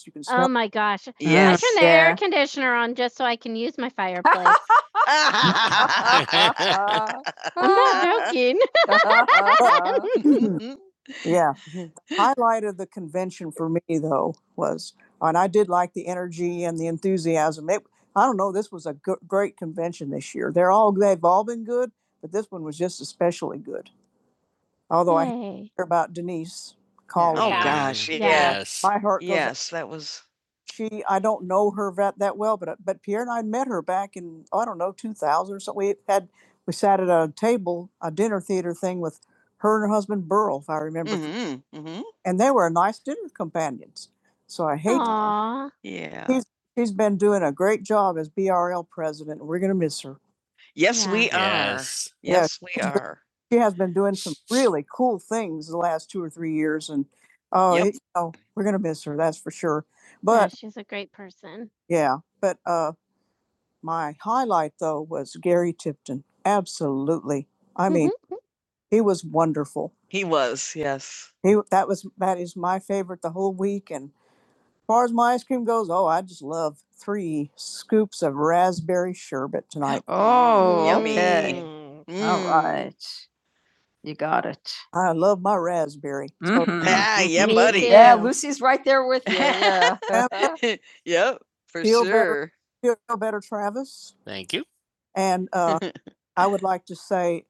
[SPEAKER 2] (laughs) can smell Oh my gosh. I yes. turn Yes. the Yeah. air Yeah. (laughs) conditioner on just so I can use my fireplace. I'm not (laughs) joking. (laughs) (laughs) Yeah. Highlight of the convention for me though was, and I did like the energy and the enthusiasm. It, I don't know. This was a g- great convention this year. They're all this, although I Yay. call. Oh, about. gosh, Yeah. yes. My heart goes out. Yes, that was, she I don't know her vet that well, but uh, but Pierre and I met her back in oh, I don't know 2000 or something. We had we sat at a table, a dinner theater thing with her and her husband Burl, if I remember, mhm, mhm, and they were nice dinner companions. So I hate him. Aw. yeah. he has been doing a great job as BRL president. and We're gonna miss her Yes, Yeah. we are. Yeah. Yes, we Yeah, are. doing some Oh, Yep. it- oh, we're gonna miss her, that's for sure. Yeah, But she's a great person. yeah, but uh, my highlight though was Gary Tipton. Absolutely. I mean, hmm he was wonderful. He was, yes. He that was that is my favorite the whole week. And as far as my ice cream goes, oh, I just love three scoops of raspberry sherbet tonight. (gasps) Oh, Yummy. okay. Mm. All Mm. right. You got it. I love my raspberry. So- Mhm. Ah, yeah, Me buddy. too. Yeah. Yeah, Lucy's right there with you. Yeah. (laughs) (laughs) yep, for Feel better. sure. Better, Feel better, Travis. Thank you. And uh, (laughs) I would like to say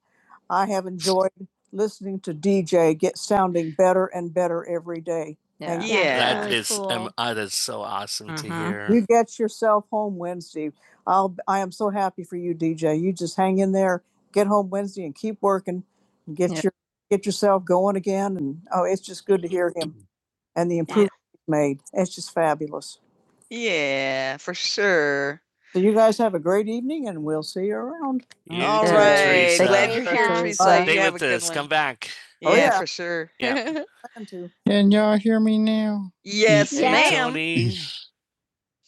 [SPEAKER 2] I have enjoyed listening to DJ get sounding better and better every day. yeah. Yeah. That Really um, cool. uh, that's so awesome mm-hmm. to Mhm. hear. You get yourself home Wednesday. I'll I am so happy for you, DJ. You just hang in there, get home Wednesday and keep working get Yeah. your get yourself going again and oh it's just good to hear him and the improvement he's made it's just fabulous Yeah, for sure. so you guys have a great evening and we'll see you around You All right. Teresa. Glad you're here, Bye. Teresa. Stay with us. Come back. Oh, yeah, yeah. for sure. Yeah. (laughs) Can y'all hear me now? yes, Yeah. ma'am. (laughs)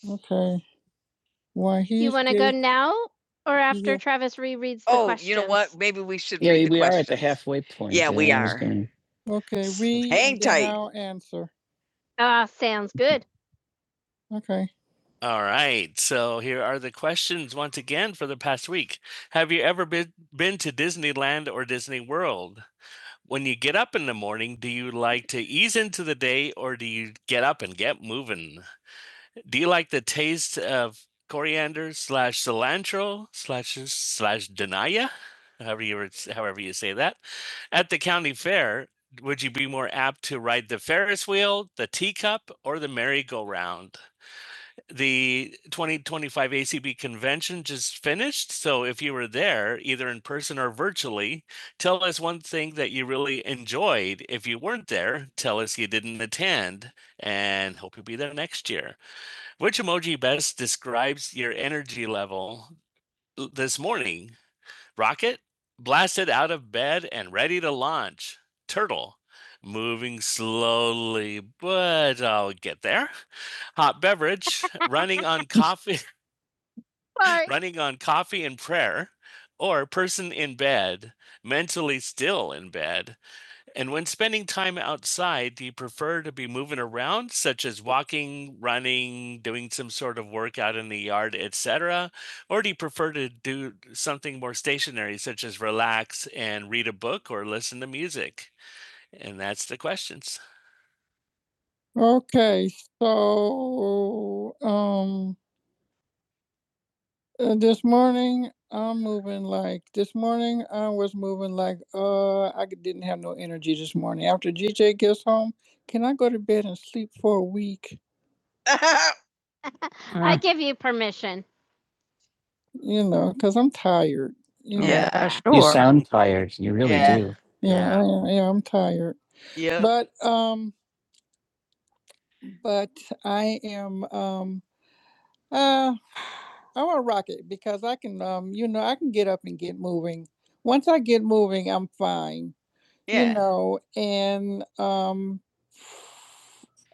[SPEAKER 2] Okay. Why Do he? you he's want to go there? now or after Yeah. Travis rereads the Oh, you know what? questions? Maybe we should Yeah, read the we are at the questions. halfway point. Yeah, so we I'm just are. gonna- Okay, S- we. hang then tight. I'll- Ah, sounds good. Okay, All right. So here are the questions once again for the past week. Have you ever been been to Disneyland or Disney World? When you get up in the morning, do you like to ease into the day or do you get up and get moving? Do you like the taste of coriander slash cilantro slash slash denaya? However you however you say that. At the county fair, would you be more apt to ride the Ferris wheel, the teacup, or the merry-go-round? The 2025 ACB convention just finished. So if you were there, either in person or virtually, tell us one thing that you really enjoyed. If you weren't there, tell us you didn't attend and hope you'll be there next year. Which emoji best describes your energy level l- this morning? Rocket, blasted out of bed and ready to launch. Turtle, moving slowly, but I'll get there. Hot beverage, running on coffee, (laughs) Sorry. running on coffee and prayer. Or person in bed, mentally still in bed. And when spending time outside, do you prefer to be moving around, such as walking, running, doing some sort of workout in the yard, etc.? Or do you prefer to do something more stationary, such as relax and read a book or listen to music? And that's the questions. Okay, so um Uh, this morning I'm moving like this morning I was moving like uh I c- didn't have no energy this morning. After GJ gets home, can I go to bed and sleep for a week? (laughs) I give you permission. You know, cause I'm tired. you know. Yeah, sure. You sound tired. You really Yeah. do. yeah, I, yeah, I'm tired. Yeah. But um, but I am um. Uh, I want to rock it because I can, um, you know, I can get up and get moving. Once I get moving, I'm fine. You Yeah. know, and um,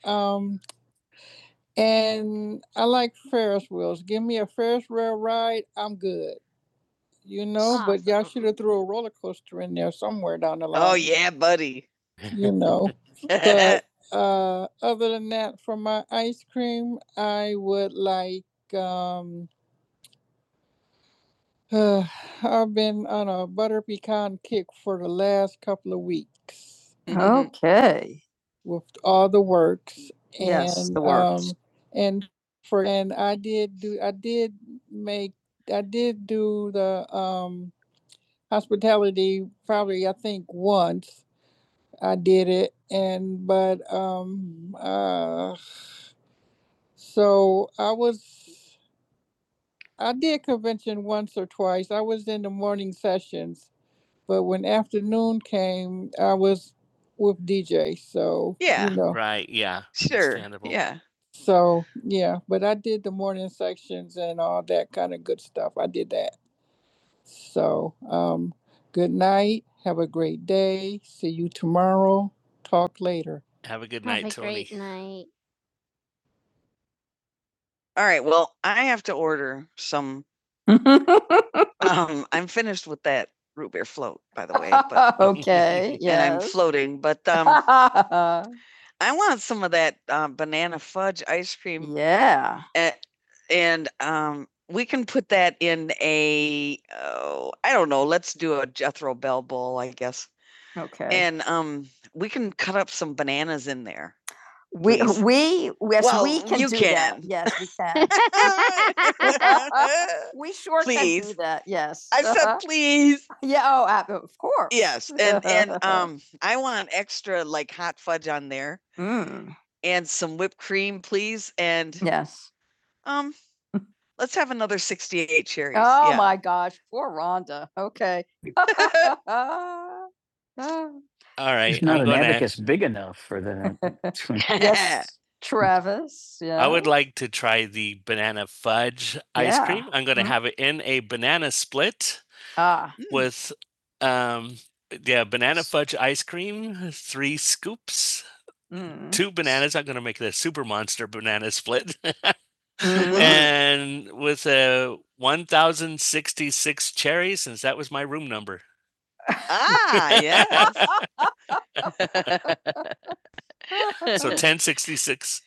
[SPEAKER 2] um, and I like Ferris wheels. Give me a Ferris wheel ride, I'm good. You know, but y'all should have thrown a roller coaster somewhere down the line. Oh line, yeah, buddy. You know. (laughs) But uh, other than that, from cream, I would like um. (sighs) I've been on a butter pecan kick for the last couple of weeks. Okay. (laughs) with all the works. And, Yes, the works. um, And for, and I did do, I did make, I did do the, um, hospitality probably, I think once I did it and, but, um, uh, so I was, I did convention once or twice. I was in the morning sessions, came, I was with DJ, so Yeah. you know, Right. Yeah. Sure. Yeah. so yeah. But I did the morning sections. That kind of a great day. See you tomorrow later. Have a good Have night, have a Tony. great night. All right. Well, I have to order some. (laughs) Um, I'm finished with that root beer float, by the way. But, (laughs) okay. Yeah. And I'm Yes. floating, but um, (laughs) I want some of that, uh, banana fudge ice cream, Yeah. a and, um, we can put that in a oh, I don't know, let's do a Jethro Bell bowl, I guess, Okay. and, um, we can cut up some bananas in there. We, Please. we, yes, Well, we can you do can. that. Yes, we can. (laughs) (laughs) We sure please. can do that. Yes. I said, Uh-huh. said please. Yeah. Oh, ab- of course. Yes. And (laughs) and um I want extra like hot fudge on there Mm, and some whipped cream, please. And Yes. um Let's have another 68 cherries. Oh yeah. my gosh, poor Rhonda. Okay. (laughs) (laughs) All right. He's not I'm an gonna- big enough for the. (laughs) (laughs) yes, Travis. Yeah. I would like to try the banana fudge ice Yeah. cream. I'm going to Mhm. have it in a banana split Ah, Mm. with, um, yeah, banana fudge ice cream, three scoops, mm. two bananas. I'm going to make the super monster banana split. (laughs) Mm-hmm. and with a 1,066 cherries, since that was my room number. ah, yeah. (laughs) So ten sixty-six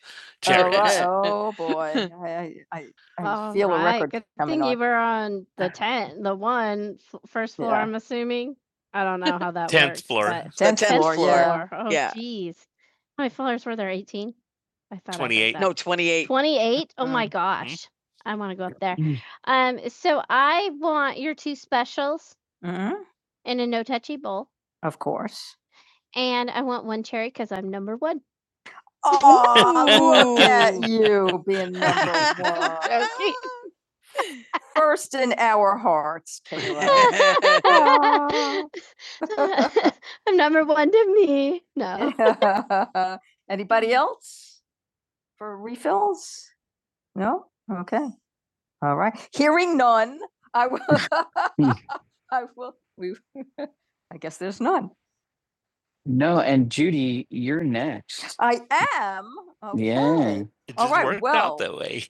[SPEAKER 2] All right. (laughs) Oh, boy. I, I, I All feel right. a right, record good coming thing on. you were on the (laughs) ten, the one first floor, Yeah. I'm assuming. I don't know how that (laughs) Tenth works, floor. but- Tenth floor. tenth floor, yeah. Oh, Yeah. jeez. How many floors were there? Eighteen? I thought. 28. that. No, 28. Twenty-eight? Oh mm-hmm. my Mm. gosh. I want to go up there. Um, so I want your two specials Mhm, in a no touchy bowl. Of course. And I want one cherry because I'm number one. Oh, (laughs) look at you being number one. (laughs) First in our hearts, Kayla. (laughs) Aw. (laughs) I'm number one to me. No. (laughs) Anybody else for refills? No? Okay. All right. Hearing none, I will. (laughs) I will. We, (laughs) I guess there's none. No, and Judy, you're next. I am. Okay. Yeah. It just All right, worked well, out that way.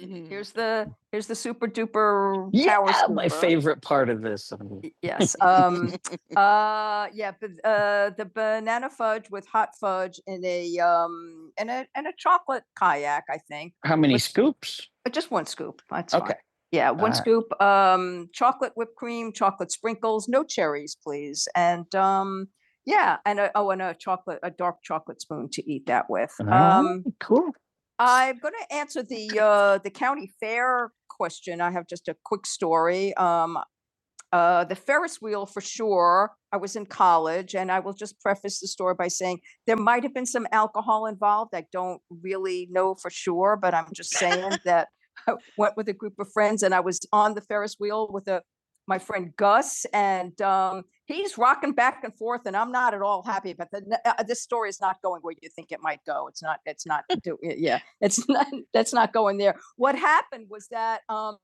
[SPEAKER 2] Mm-hmm. Here's the, here's the super duper. power Yeah, power my scooper. favorite part of this. um, Yes, um, (laughs) uh, yeah, but, uh, the banana fudge with hot fudge in a, um, in a, in a chocolate kayak, I think, How many Which- scoops? just one scoop, that's fine. Okay. Fine. Yeah, one Alright. scoop, Right. um, chocolate whipped cream, chocolate sprinkles, no cherries, please. And, um, yeah, and a, oh, and a chocolate, a dark chocolate spoon to eat that with. Ah, Um, oh, Cool. I'm going to answer the, uh, the county fair question. I have just a quick story. Um, uh, the Ferris wheel for sure. I was in college and I will just preface the story by saying there might have been some alcohol involved. I don't really know for sure, but I'm just saying (laughs) that I went with a group of friends and I was on the Ferris wheel with a my friend Gus and um, he's rocking back and forth and I'm not at all happy But that. uh, uh, This story is not going where you think it might go. It's not, it's not, (laughs) do- yeah, yeah, it's (laughs) not, that's not going there. What happened was that um,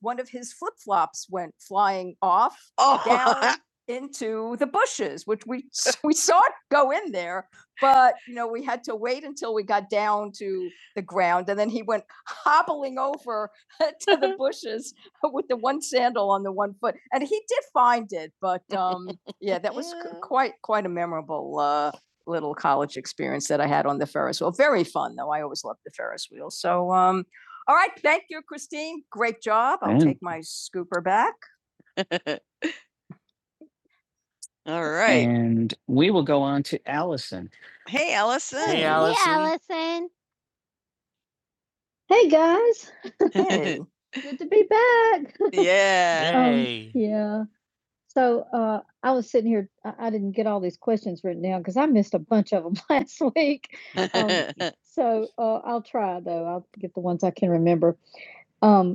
[SPEAKER 2] one of his flip flops went flying off Oh, down into the bushes, which we (laughs) we saw it go in there, but you know we had to wait until we got down to the ground, and then he went hobbling over (laughs) to the bushes with the one sandal on the one foot, and he did find it. But um, yeah, that was c- quite quite a memorable uh, little college experience that I had on the Ferris wheel. Very fun though. I always loved the Ferris wheel. So um, all right, thank you, Christine. Great job. I'll take my scooper back. (laughs) All right. And we will go on to Allison. Hey, Allison. Hey, Allison. Hey, Allison. Hey guys, Hey. (laughs) good to be back. (laughs) yeah. Um, Hey. yeah. So uh, I was sitting here. I, I didn't get all these questions written down because I missed a bunch of them (laughs) last week. Um, (laughs) So uh, I'll try though. I'll get the ones I can remember. Um,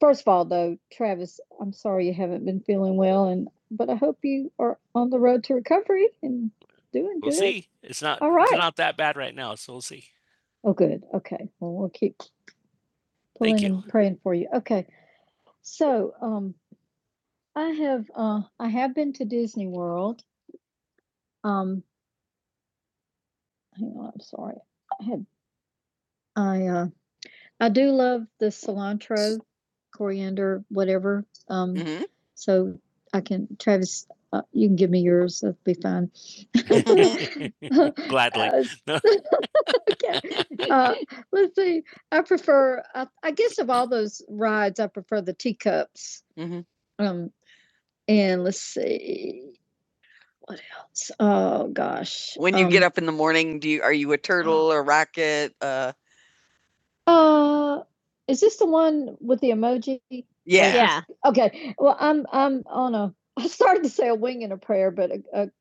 [SPEAKER 2] First of all, though, Travis, I'm sorry you haven't been feeling well, and but I hope you are on the road to recovery and doing We'll good. We'll see. It's not All right. it's not that bad right now, so we'll see. Oh, good. Okay. Well, we'll keep Thank pulling you. and pray. Okay. Um, I have world. Um, hang on. I'm I uh, love the cilantro, coriander, whatever. Um, hmm so I can Travis, uh, you can give me yours. That'd be fine. (laughs) (laughs) Gladly. Uh, (laughs) yeah. (laughs) Uh, let's see. I prefer. I, I guess of all those, rye, I prefer the teacups. hmm Um, and let's see. When you um, get Um, up in the morning, do you are you a turtle, a rocket? Uh, yeah. yes. Yeah. Okay. Well, I- okay.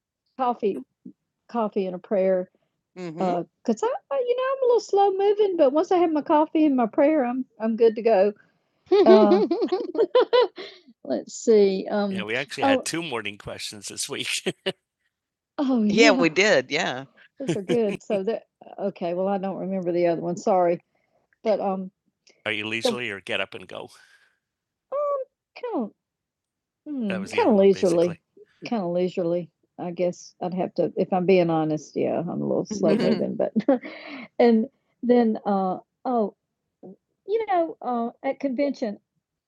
[SPEAKER 2] hmm Uh, cause I, I, you know, I'm a little slow moving, but once I have my coffee and my beer, I'm, I'm good to. go. Uh, (laughs) let's see. Um, Yeah, Um. we actually Oh, had oh, two morning questions this week. (laughs) Oh, Yeah, yeah. we did, yeah. Those are good. So (laughs) that okay, well, I don't remember the other one, sorry, but, um Are you the leisurely or get up and go? Um, kinda, That mm, was the kind other kinda one, leisurely, basically. kinda leisurely. I guess I'd have to if I'm being honest, yeah, I'm a little (laughs) slow Mhm. moving, but (laughs) and then, uh, oh, you know, uh, at convention,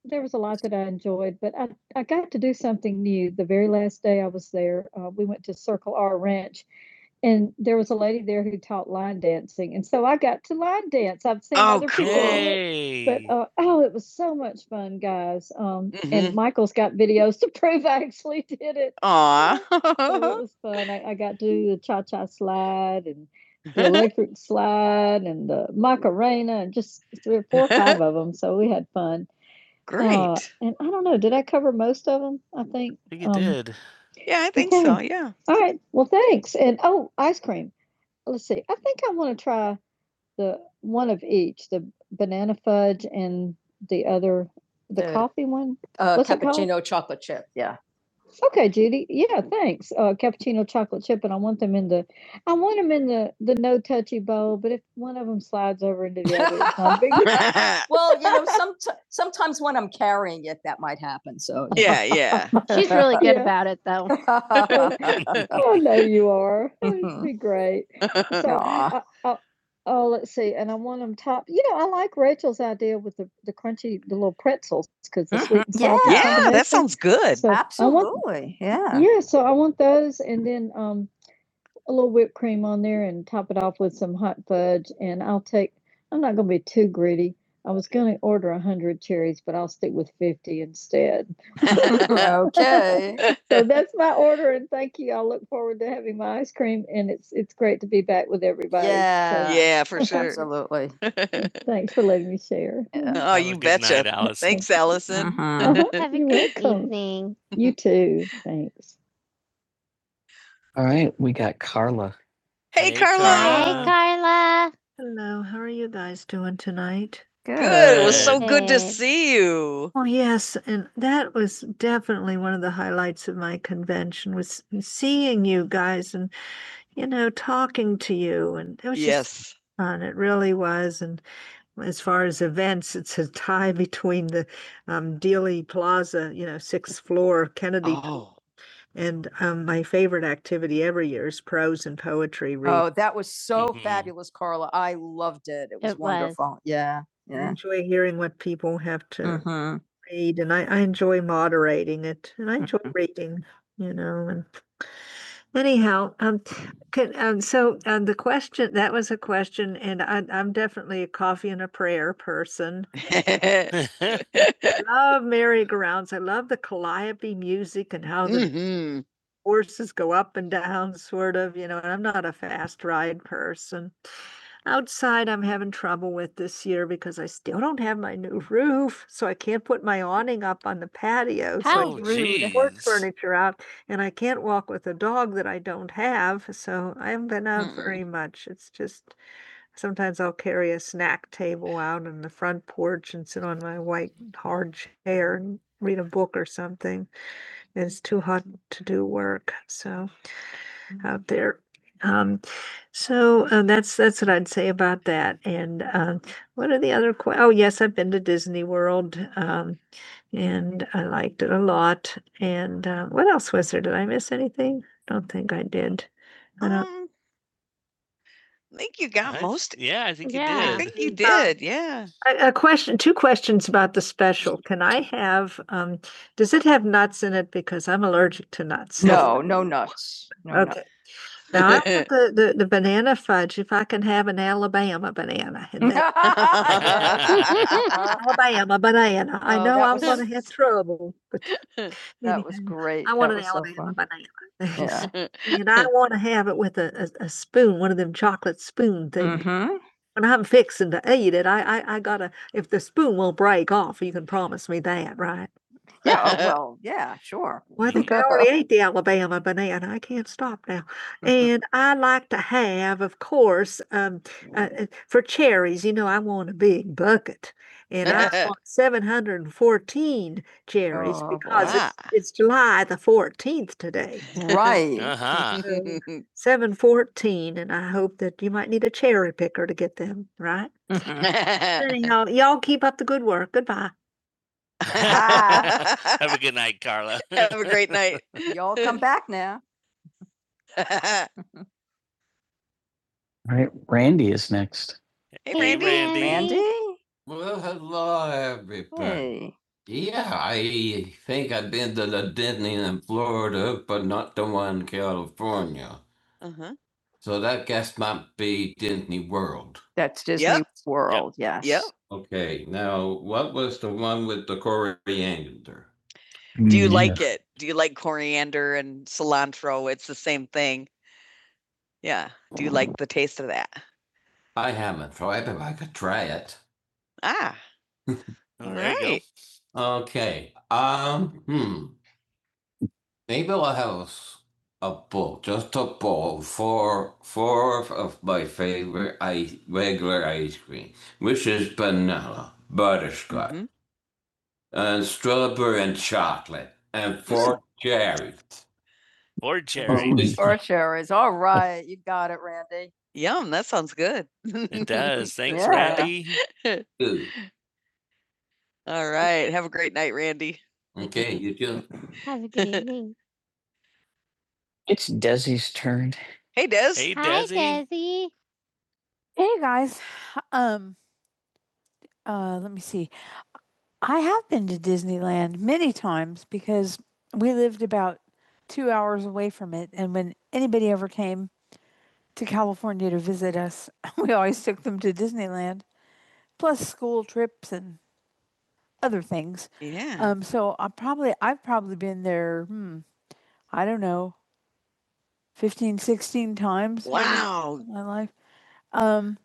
[SPEAKER 2] there was a lot that I enjoyed, but I, I got to do something new. The very last day I was there, uh, we went to Circle R Ranch, and there was a lady there who taught line dancing, and so I got to line dance. I've seen Oh, other people but cool. uh, oh, it was so much fun, guys. Um, and Mm-hmm. And Michael's got videos to (laughs) prove I actually did it. Aw. (laughs) So it was fun. I, I got to do the cha cha slide and the electric (laughs) slide and the Macarena and just three or four or five of them. So we had fun. Great. Uh, and I don't know, did I cover most of them? I think. I think you um, did. yeah, I think okay. so. Yeah. All right. Well, thanks. And oh, ice cream. Let's see. I think I want to try the one of each, the banana fudge and the other, the The- coffee one. Uh, What's it called? cappuccino chocolate chip. Yeah. Okay, Judy. Yeah, thanks. Uh, cappuccino chocolate chip, and I want them in the, I want them in the the no touchy bowl. But if one of them slides over into the other, it's not big. (laughs) Well, you know, some, sometimes when I'm carrying it, that might happen. So. yeah. yeah, (laughs) She's really good Yeah. about it, though. (laughs) (laughs) Oh, I know you are. It'd be great. (laughs) So I, I, Oh, let's see, and I want them top you know, I like Rachel's idea with the the crunchy the little pretzels 'cause the Mhm. sweet and salty Yeah, yeah, that sounds good. So I want Absolutely, yeah. Yeah, so I want those and then, um, a little whipped cream on there and top it off with some hot fudge. And I'll take, I'm not going to be too greedy. I was going to order 100 cherries, but I'll stick with 50 instead. (laughs) (laughs) okay. (laughs) So that's my order, and thank you. I look forward to having my ice cream, and it's it's great to be back with everybody. So Yeah. so. yeah, for sure. (laughs) Absolutely. (laughs) thanks for letting me share. Yeah. oh, you good night, betcha. Allison. Thanks, Allison. uh Uh-huh. (laughs) Have a good evening. You too. Thanks. All right, we got Carla. Hey, Hey, Carlo. Carlo. Hi, Carla. Hello, how are you guys doing tonight? Good. It was Good. so good to Good. see you. Oh yes, and that was definitely one of the highlights of my convention was seeing you guys and you know talking to you and it was just Yes. fun. It really was. And as far as events, it's a tie between the um, Dealey Plaza, you know, sixth floor Kennedy Oh. And um, my favorite activity every year is prose and poetry reading. Oh, that was so Mhm. fabulous, Carla. I loved it. It was It wonderful. was. wonderful. Yeah. I Yeah. enjoy hearing what people have to Mhm. read, and I, I enjoy moderating it, and I enjoy Mhm. reading, you know, and Anyhow, um, could, um, so, um, the question, that was a question, and I, I'm definitely a coffee and a prayer person. (laughs) Love merry-go-rounds. I love the calliope music and how the Mhm. horses go up and down, sort of, you know, and I'm not a fast ride person. Outside, I'm having trouble with this year because I still don't have my new roof, so I can't put my awning up on the patio, so oh, I How can Oh, move the porch furniture out and I can't walk with a dog that I don't have, so I haven't been out Mm. very much. It's just sometimes I'll carry a snack table out on the front porch and sit on my white hard chair and read a book or something. It's too hot to do work, so out there. Um, so uh, that's that's what I'd say about that. And um, what are the other? Que- oh, yes, I've been to Disney World, um, and I liked it a lot. And uh, what else was there? Did I miss anything? I Don't think I did. I don't- Um, I think you got I- most. Yeah, I think Yeah. I you yeah. did. I think you (laughs) Uh, did. Uh, Yeah. A, a question, two questions about the special. Can I have? Um, does it have nuts in it? Because I'm allergic to nuts. No, no nuts. No Okay. No, I want (laughs) the, the, the banana fudge, if I can have an Alabama banana. in that. (laughs) (laughs) Alabama banana. Oh, I Oh, know I'm gonna have (laughs) trouble, but that anyway, was great. I want that an was so Alabama banana. Yeah. (laughs) And I want to have it with a, a, a spoon, one of them chocolate spoon fun. things. Mhm. When I'm fixing to eat it, I, I, I gotta, if the spoon won't break off, you can promise me that, right? Yeah, oh, (laughs) well, yeah, sure. Well, I think I (laughs) already ate the Alabama banana. I can't stop now. And I like to have, of course, um, uh, uh, for cherries, you know, I want a big bucket. And I (laughs) want 714 cherries Oh, because wow. it's, wow. it's July the 14th today. (laughs) Right. Uh-huh. So, (laughs) 714. And I hope that you might need a cherry picker to get them, right? (laughs) Anyhow, y'all keep up the good work. Goodbye. (laughs) Have a good night, Carla. (laughs) Have a great night. (laughs) Y'all come back now. (laughs) All right, Randy is next. Hey, Randy. Randy. Randy? Well, everybody. Hey. I think I've been to the Disney in Florida, but not the one in California. Uh-huh. So that guess might be Disney World. That's Disney yep. World, yep. yes. Yep. Okay, now what was the one with the coriander? Do you Mm, like yeah. it? Do you like coriander and cilantro? It's the same thing. Yeah. Do you like the taste of that? However, Ah, Oh, Right. oh, with Scott. mhm. Uh, and for Jerry. Or Jerry. Oh, For sure All right. You got it, Randy. yum. That sounds good. (laughs) It does. Thanks, Yeah. Randy. (laughs) All right. Have a great night, Randy. Have a good evening. (laughs) It's Desi's turn. Hey, Des. Hey, Desi. Hi, Desi. Desi. Uh, I many times because about And when anybody ever came to California to visit us, (laughs) we always took them to Disneyland, plus school trips and other things. Yeah. Um, so I probably, I've probably been there, hmm, I don't know, 15, 16 times. wow. in my life. Um,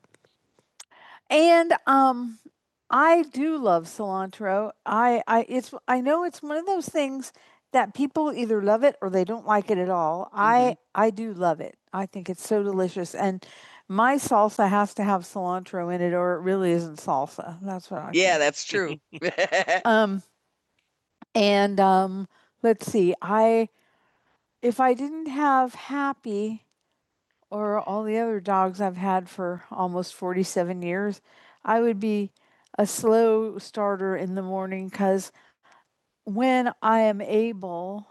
[SPEAKER 2] and um, I do love cilantro. I I it's I know it's one of those things that people either love it or they don't like it at all. hmm I I do love it. I think it's so delicious and my salsa has to have cilantro in it or it really isn't salsa. That's what I Yeah, think. that's true. (laughs) Um and um let's see. I if I didn't have Happy or all the other dogs I've had for almost 47 years, I would be a slow starter in the morning cuz When I am able,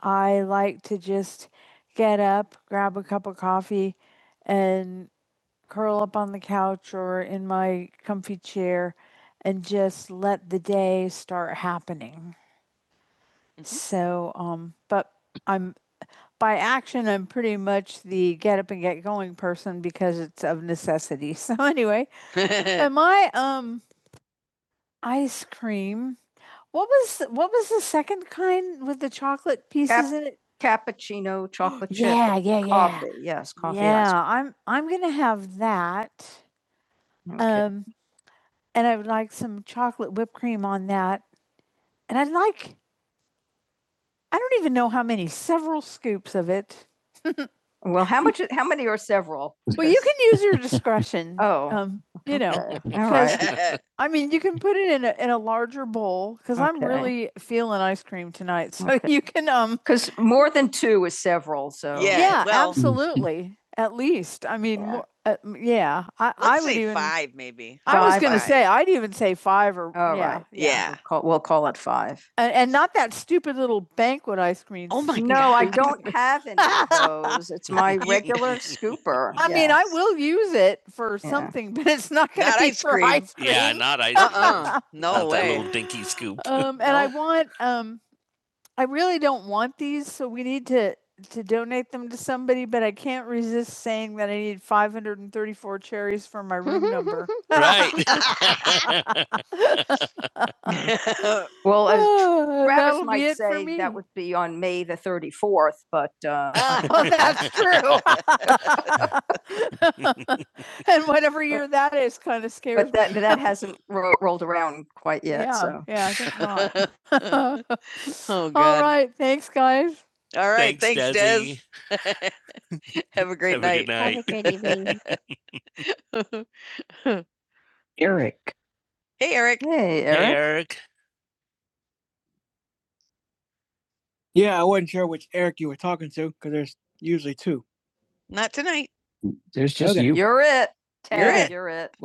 [SPEAKER 2] I like to just get up, grab a cup of coffee, and curl up on the couch or in my comfy chair and just let the day start happening. Mhm. So, um, but I'm by action, I'm pretty much the get up and get going person because it's of necessity. (laughs) So anyway, (laughs) am I um what piece Cap- is it? (gasps) cappuccino, chocolate chip, Yeah, yeah, yeah. coffee. Yes, coffee ice Yeah. cream. Um Okay. Well, how much, how many are several? (laughs) Well, you can use your discretion. (laughs) Oh, Um, you know, all right. (laughs) because I'm Okay. really (laughs) So okay. you, because more than two is several, so. yeah, Yeah, well- absolutely. (laughs) I let would say even. five, maybe. I five, was going to say I'd even say five or All yeah, right. Yeah. yeah. We'll call, we'll call it five. And, and not that stupid little banquet ice cream. Oh my No, God. I don't have any of those. (laughs) It's my regular (laughs) scooper. I yes. mean, I yes. will use it for Yeah. something, but it's not going to be ice for cream. ice cream. Yeah, not ice. Uh-uh. (laughs) Not No that way. That little dinky scoop. um, and (laughs) I want um, I really don't want these, so we need to, to donate them to somebody, but I can't resist saying that I need five hundred and thirty-four cherries for my room number. (laughs) Right. (laughs) (laughs) Well, as oh, Travis might say, that would be on May the 34th, but, uh, (laughs) Oh, that's true. (laughs) (laughs) but that, that hasn't ro- rolled around quite yet, Yeah, so. Yeah, I think not. (laughs) oh, All God. All right. All Thanks, right. Thanks, Thanks Desi. Des. (laughs) (laughs) Have a great Have night. Have a good night. Have a great evening. (laughs) Eric. hey, Eric. Hey, Eric. Hey, Eric. Not tonight. There's just Okay. you. You're it. You're Ted, it. You're it.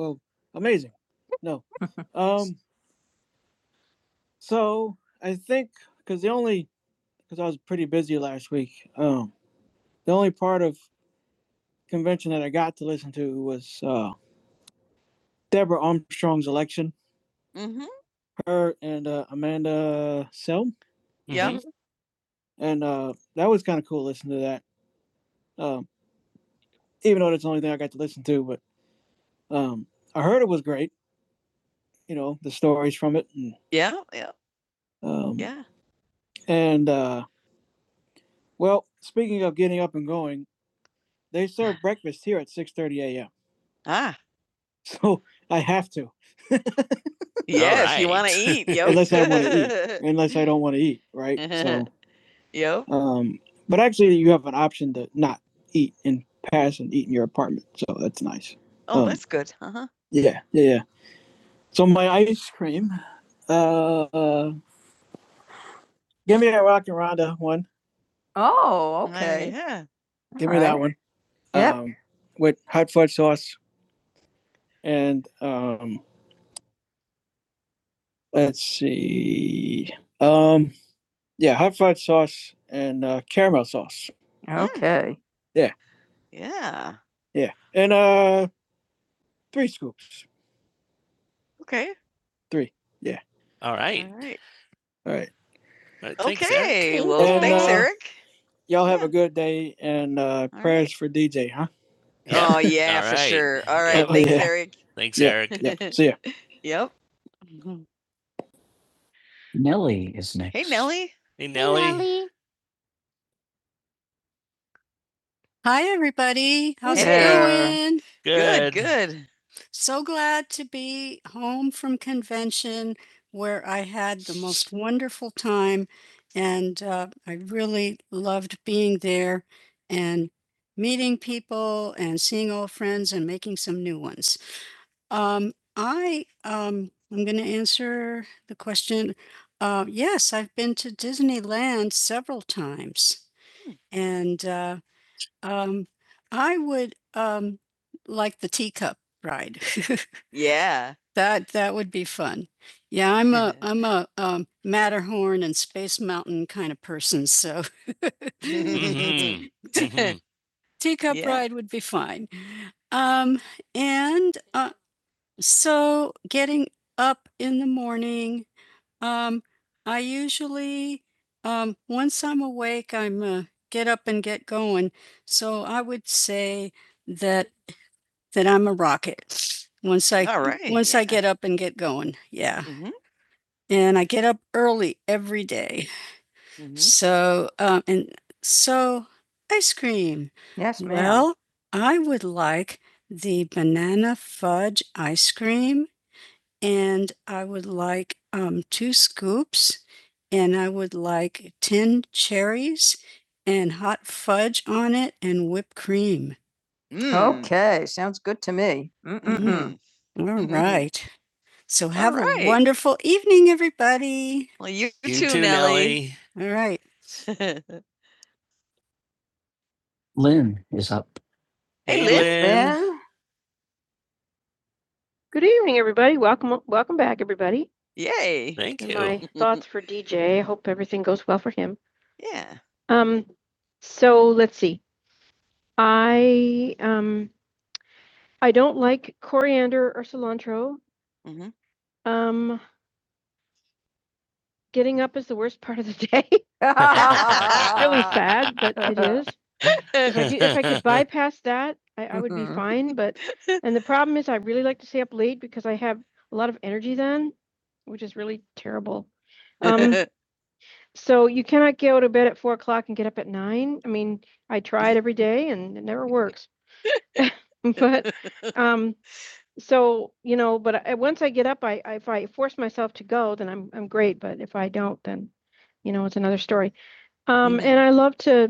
[SPEAKER 2] Mm-hmm. Yeah. Mm-hmm. Yeah. Yeah. Um, Yeah. So Ah. Yes. (laughs) Right. You want to right. eat. Yo. (laughs) Unless I wanna (laughs) unless I don't Right. so (laughs) Yo. um, but actually in Pat's apartment. Oh, Um, that's good. Uh huh. Yeah, oh, my uh, uh Oh, okay. Uh, yeah. give All me right. that one. Yep. Um, with hot fudge sauce and um Let's see. Um, yeah, hot fudge sauce and uh, caramel sauce. Mm. Okay. Yeah. Yeah, Yeah. and uh, three scoops. Okay. Three. Yeah. All right. All right. All right, Uh, thanks, Okay. Thank well, you. thanks, Uh, Eric. y'all have yeah. a good uh, right. prayers right. for DJ, huh? Yeah. Oh yeah, (laughs) for right. sure. All right. Yeah. right. Thanks, Yeah. Eric. Thanks, Yeah. Eric. Yeah. (laughs) See ya. Yep. Nelly is next. Hey, Nellie. Hey, Nelly. Nelly. Hi, everybody. How's Hey. it Hey. going? Good, Good. good. So glad to be home from convention where I had the most wonderful time. And Yeah. (laughs) I'm a I'm morning. (laughs) Mhm. Mhm. Pickup (laughs) Yeah. ride would be fine. This morning, uh, I uh going. So I would say bucket once I All right, once I yeah. get up and get going. Yeah. Mhm. And I get up early every day. Mhm. So, um, and so ice cream. Yes, ma'am. Well, I would like the banana fudge ice cream, and I would like um, two scoops, and I would like 10 cherries and hot fudge on it and whipped cream. Mhm. Mm. Okay, sounds good to me. Mm, Mm-mm-mm. Mhm. all (laughs) right. So All have a right. wonderful Well, you You too, too, Nellie. (laughs) Nellie. (laughs) hey, Lynn is up. Hey, Hey, Lynn. Lynn, Lynn. Good evening, everybody. Welcome, welcome back, everybody. Yay. Thank And you. my (laughs) thoughts for DJ. I hope everything goes well for him. Yeah. Um, so let's see. Mhm. Um, getting up is the worst part of the day. (laughs) (laughs) It's Really sad, but it is. If I, could- if I could (laughs) bypass that, I, I would be Mhm. fine. But (laughs) and I really like to stay up late because I have a lot of energy then, which is really terrible. (laughs) Um, so you cannot get out of bed at four, but So, you know, but I, once I get up, I, I if I force myself to go, then I'm I'm great. But if I then, you know, it's another story. Um, Mhm. and I love to.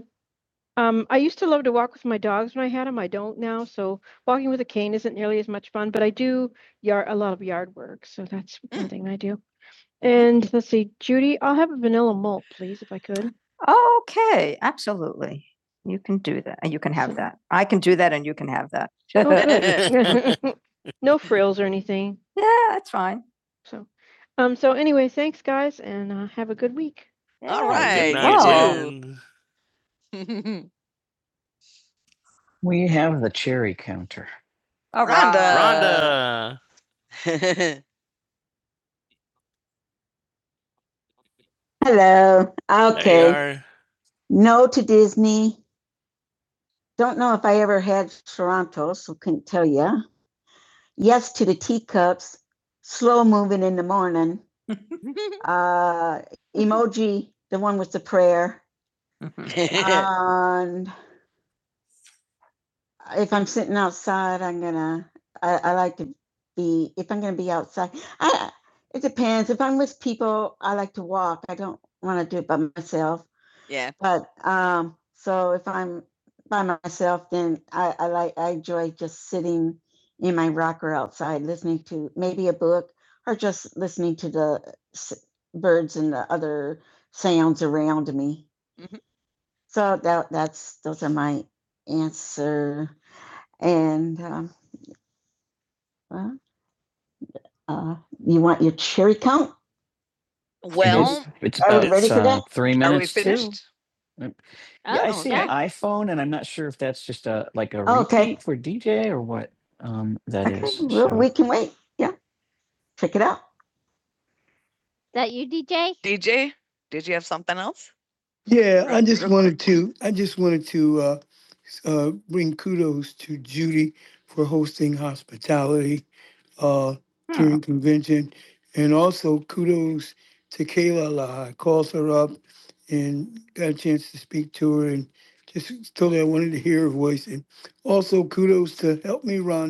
[SPEAKER 2] Um, I used to love to walk with my dogs when I had them. I don't now. So with a cane isn't near yard work. So that's one thing I do. And let's see, Judy, I'll have a vanilla malt, please, if I could. Okay, absolutely. You can do that. and You can have that. I can do that and you can have that. (laughs) Oh, (laughs) no frills or anything. Yeah, that's fine. So, um, so anyway, thanks, guys, and uh, have a good week. All right. All (laughs) We have the cherry counter. All Rhonda. Rhonda. (laughs) Hello. Okay. No to Disney. Don't know if I ever had Toronto, so couldn't tell you. Yes to the teacups. Slow moving in the morning. (laughs) Uh, emoji, the one with the prayer. (laughs) Mhm. And if I'm sitting outside, I'm gonna, I, I like to be, if I'm gonna be outside, I, it depends. If I'm with people, I like to walk. I don't want to do it by myself. Yeah. But um, so if I'm by myself, then I, I like, I enjoy just sitting in my rocker outside, listening to maybe a book or just listening to the s- birds and the other sounds around me. Mhm. So that that's those are my answer. And uh, well, uh, you want your cherry count? Well, It's Are we about ready for uh, that? three minutes. are we minutes too. finished? Yeah, I Oh, see yeah. an iPhone, and I'm not sure if that's just a like a Oh, okay. for DJ or what um, that Okay, is. well, so- we can wait. Yeah, check it out. Is that you, DJ? DJ, did you have something else? Yeah, I Right, just wanted to, I just wanted to uh, uh, bring kudos for Hope House uh, hmm. during convention and a chance to speak to her and just totally I wanted to hear her voice. Ron,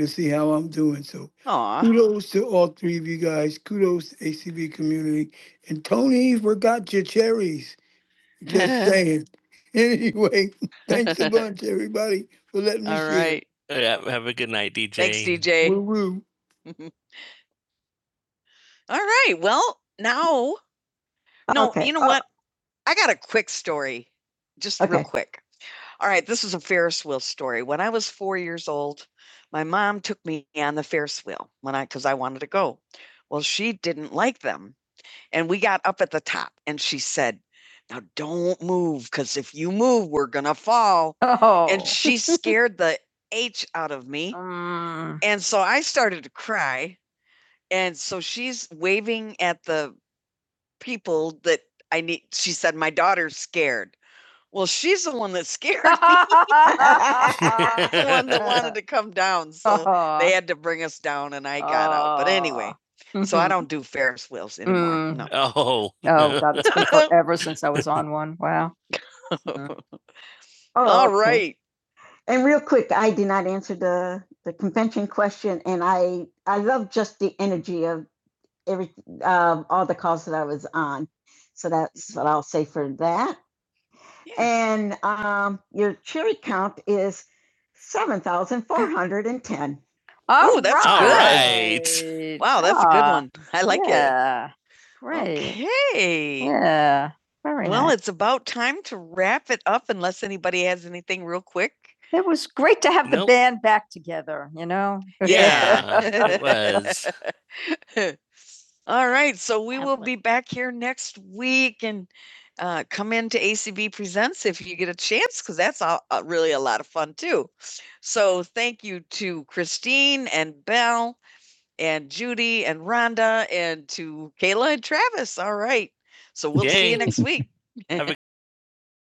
[SPEAKER 2] to see how I'm doing. So Aw. kudos to all three of you guys. Kudos to ACB community. And Tony you forgot your cherries. Just (laughs) saying. Anyway, (laughs) thanks a bunch, (laughs) everybody, for letting me All share. right. Yeah, have a good night, DJ. Thanks, DJ. Woo-woo. (laughs) All right. Well, now, no, Okay, you know uh, what? I got a quick story, just Okay. real Okay. quick. All right, this is a Ferris wheel story. When I was four years old, my mom took me on the Ferris wheel when I because I wanted to go. Well, she didn't like them. And we got up at the top and she said, Now don't move, because if you move, we're gonna fall. And Oh. she (laughs) scared the H out of me. Mm. And so I started to cry. And so she's waving at the people that I need. She said, My daughter's scared. Well, she's the one that scared me. (laughs) (laughs) the one that wanted to come down. So uh-huh. they had to bring us down and I got uh-huh. out. But anyway, mm-hmm. so I don't do Ferris wheels anymore. Mm. No. Oh. (laughs) Oh, God, it's been (laughs) forever since I was on one. Wow. Yeah. (laughs) Oh, All okay. right. And real quick, I did not answer the the convention question, and I I love just the energy of every uh, all the calls that I was on. So that's what I'll say for that. And um, your cherry count is 7,410. Oh, that's All good. right. Wow, that's ah, a good Yeah. one. I like it. yeah. it. Right. Okay. Yeah. Very Well, nice. it's about time to wrap it up unless anybody has anything real quick. It was great to have nope. the Nope. band back together, you know? Yeah. (laughs) it was. (laughs) All right. So we will be back here next week and uh, come into ACB Presents if you get a chance, because that's a, a- really a lot of fun too. So thank you to Christine and Belle and Judy and Rhonda and to Kayla and Travis. All right. So we'll see you Yay. next (laughs) week. (laughs) Have a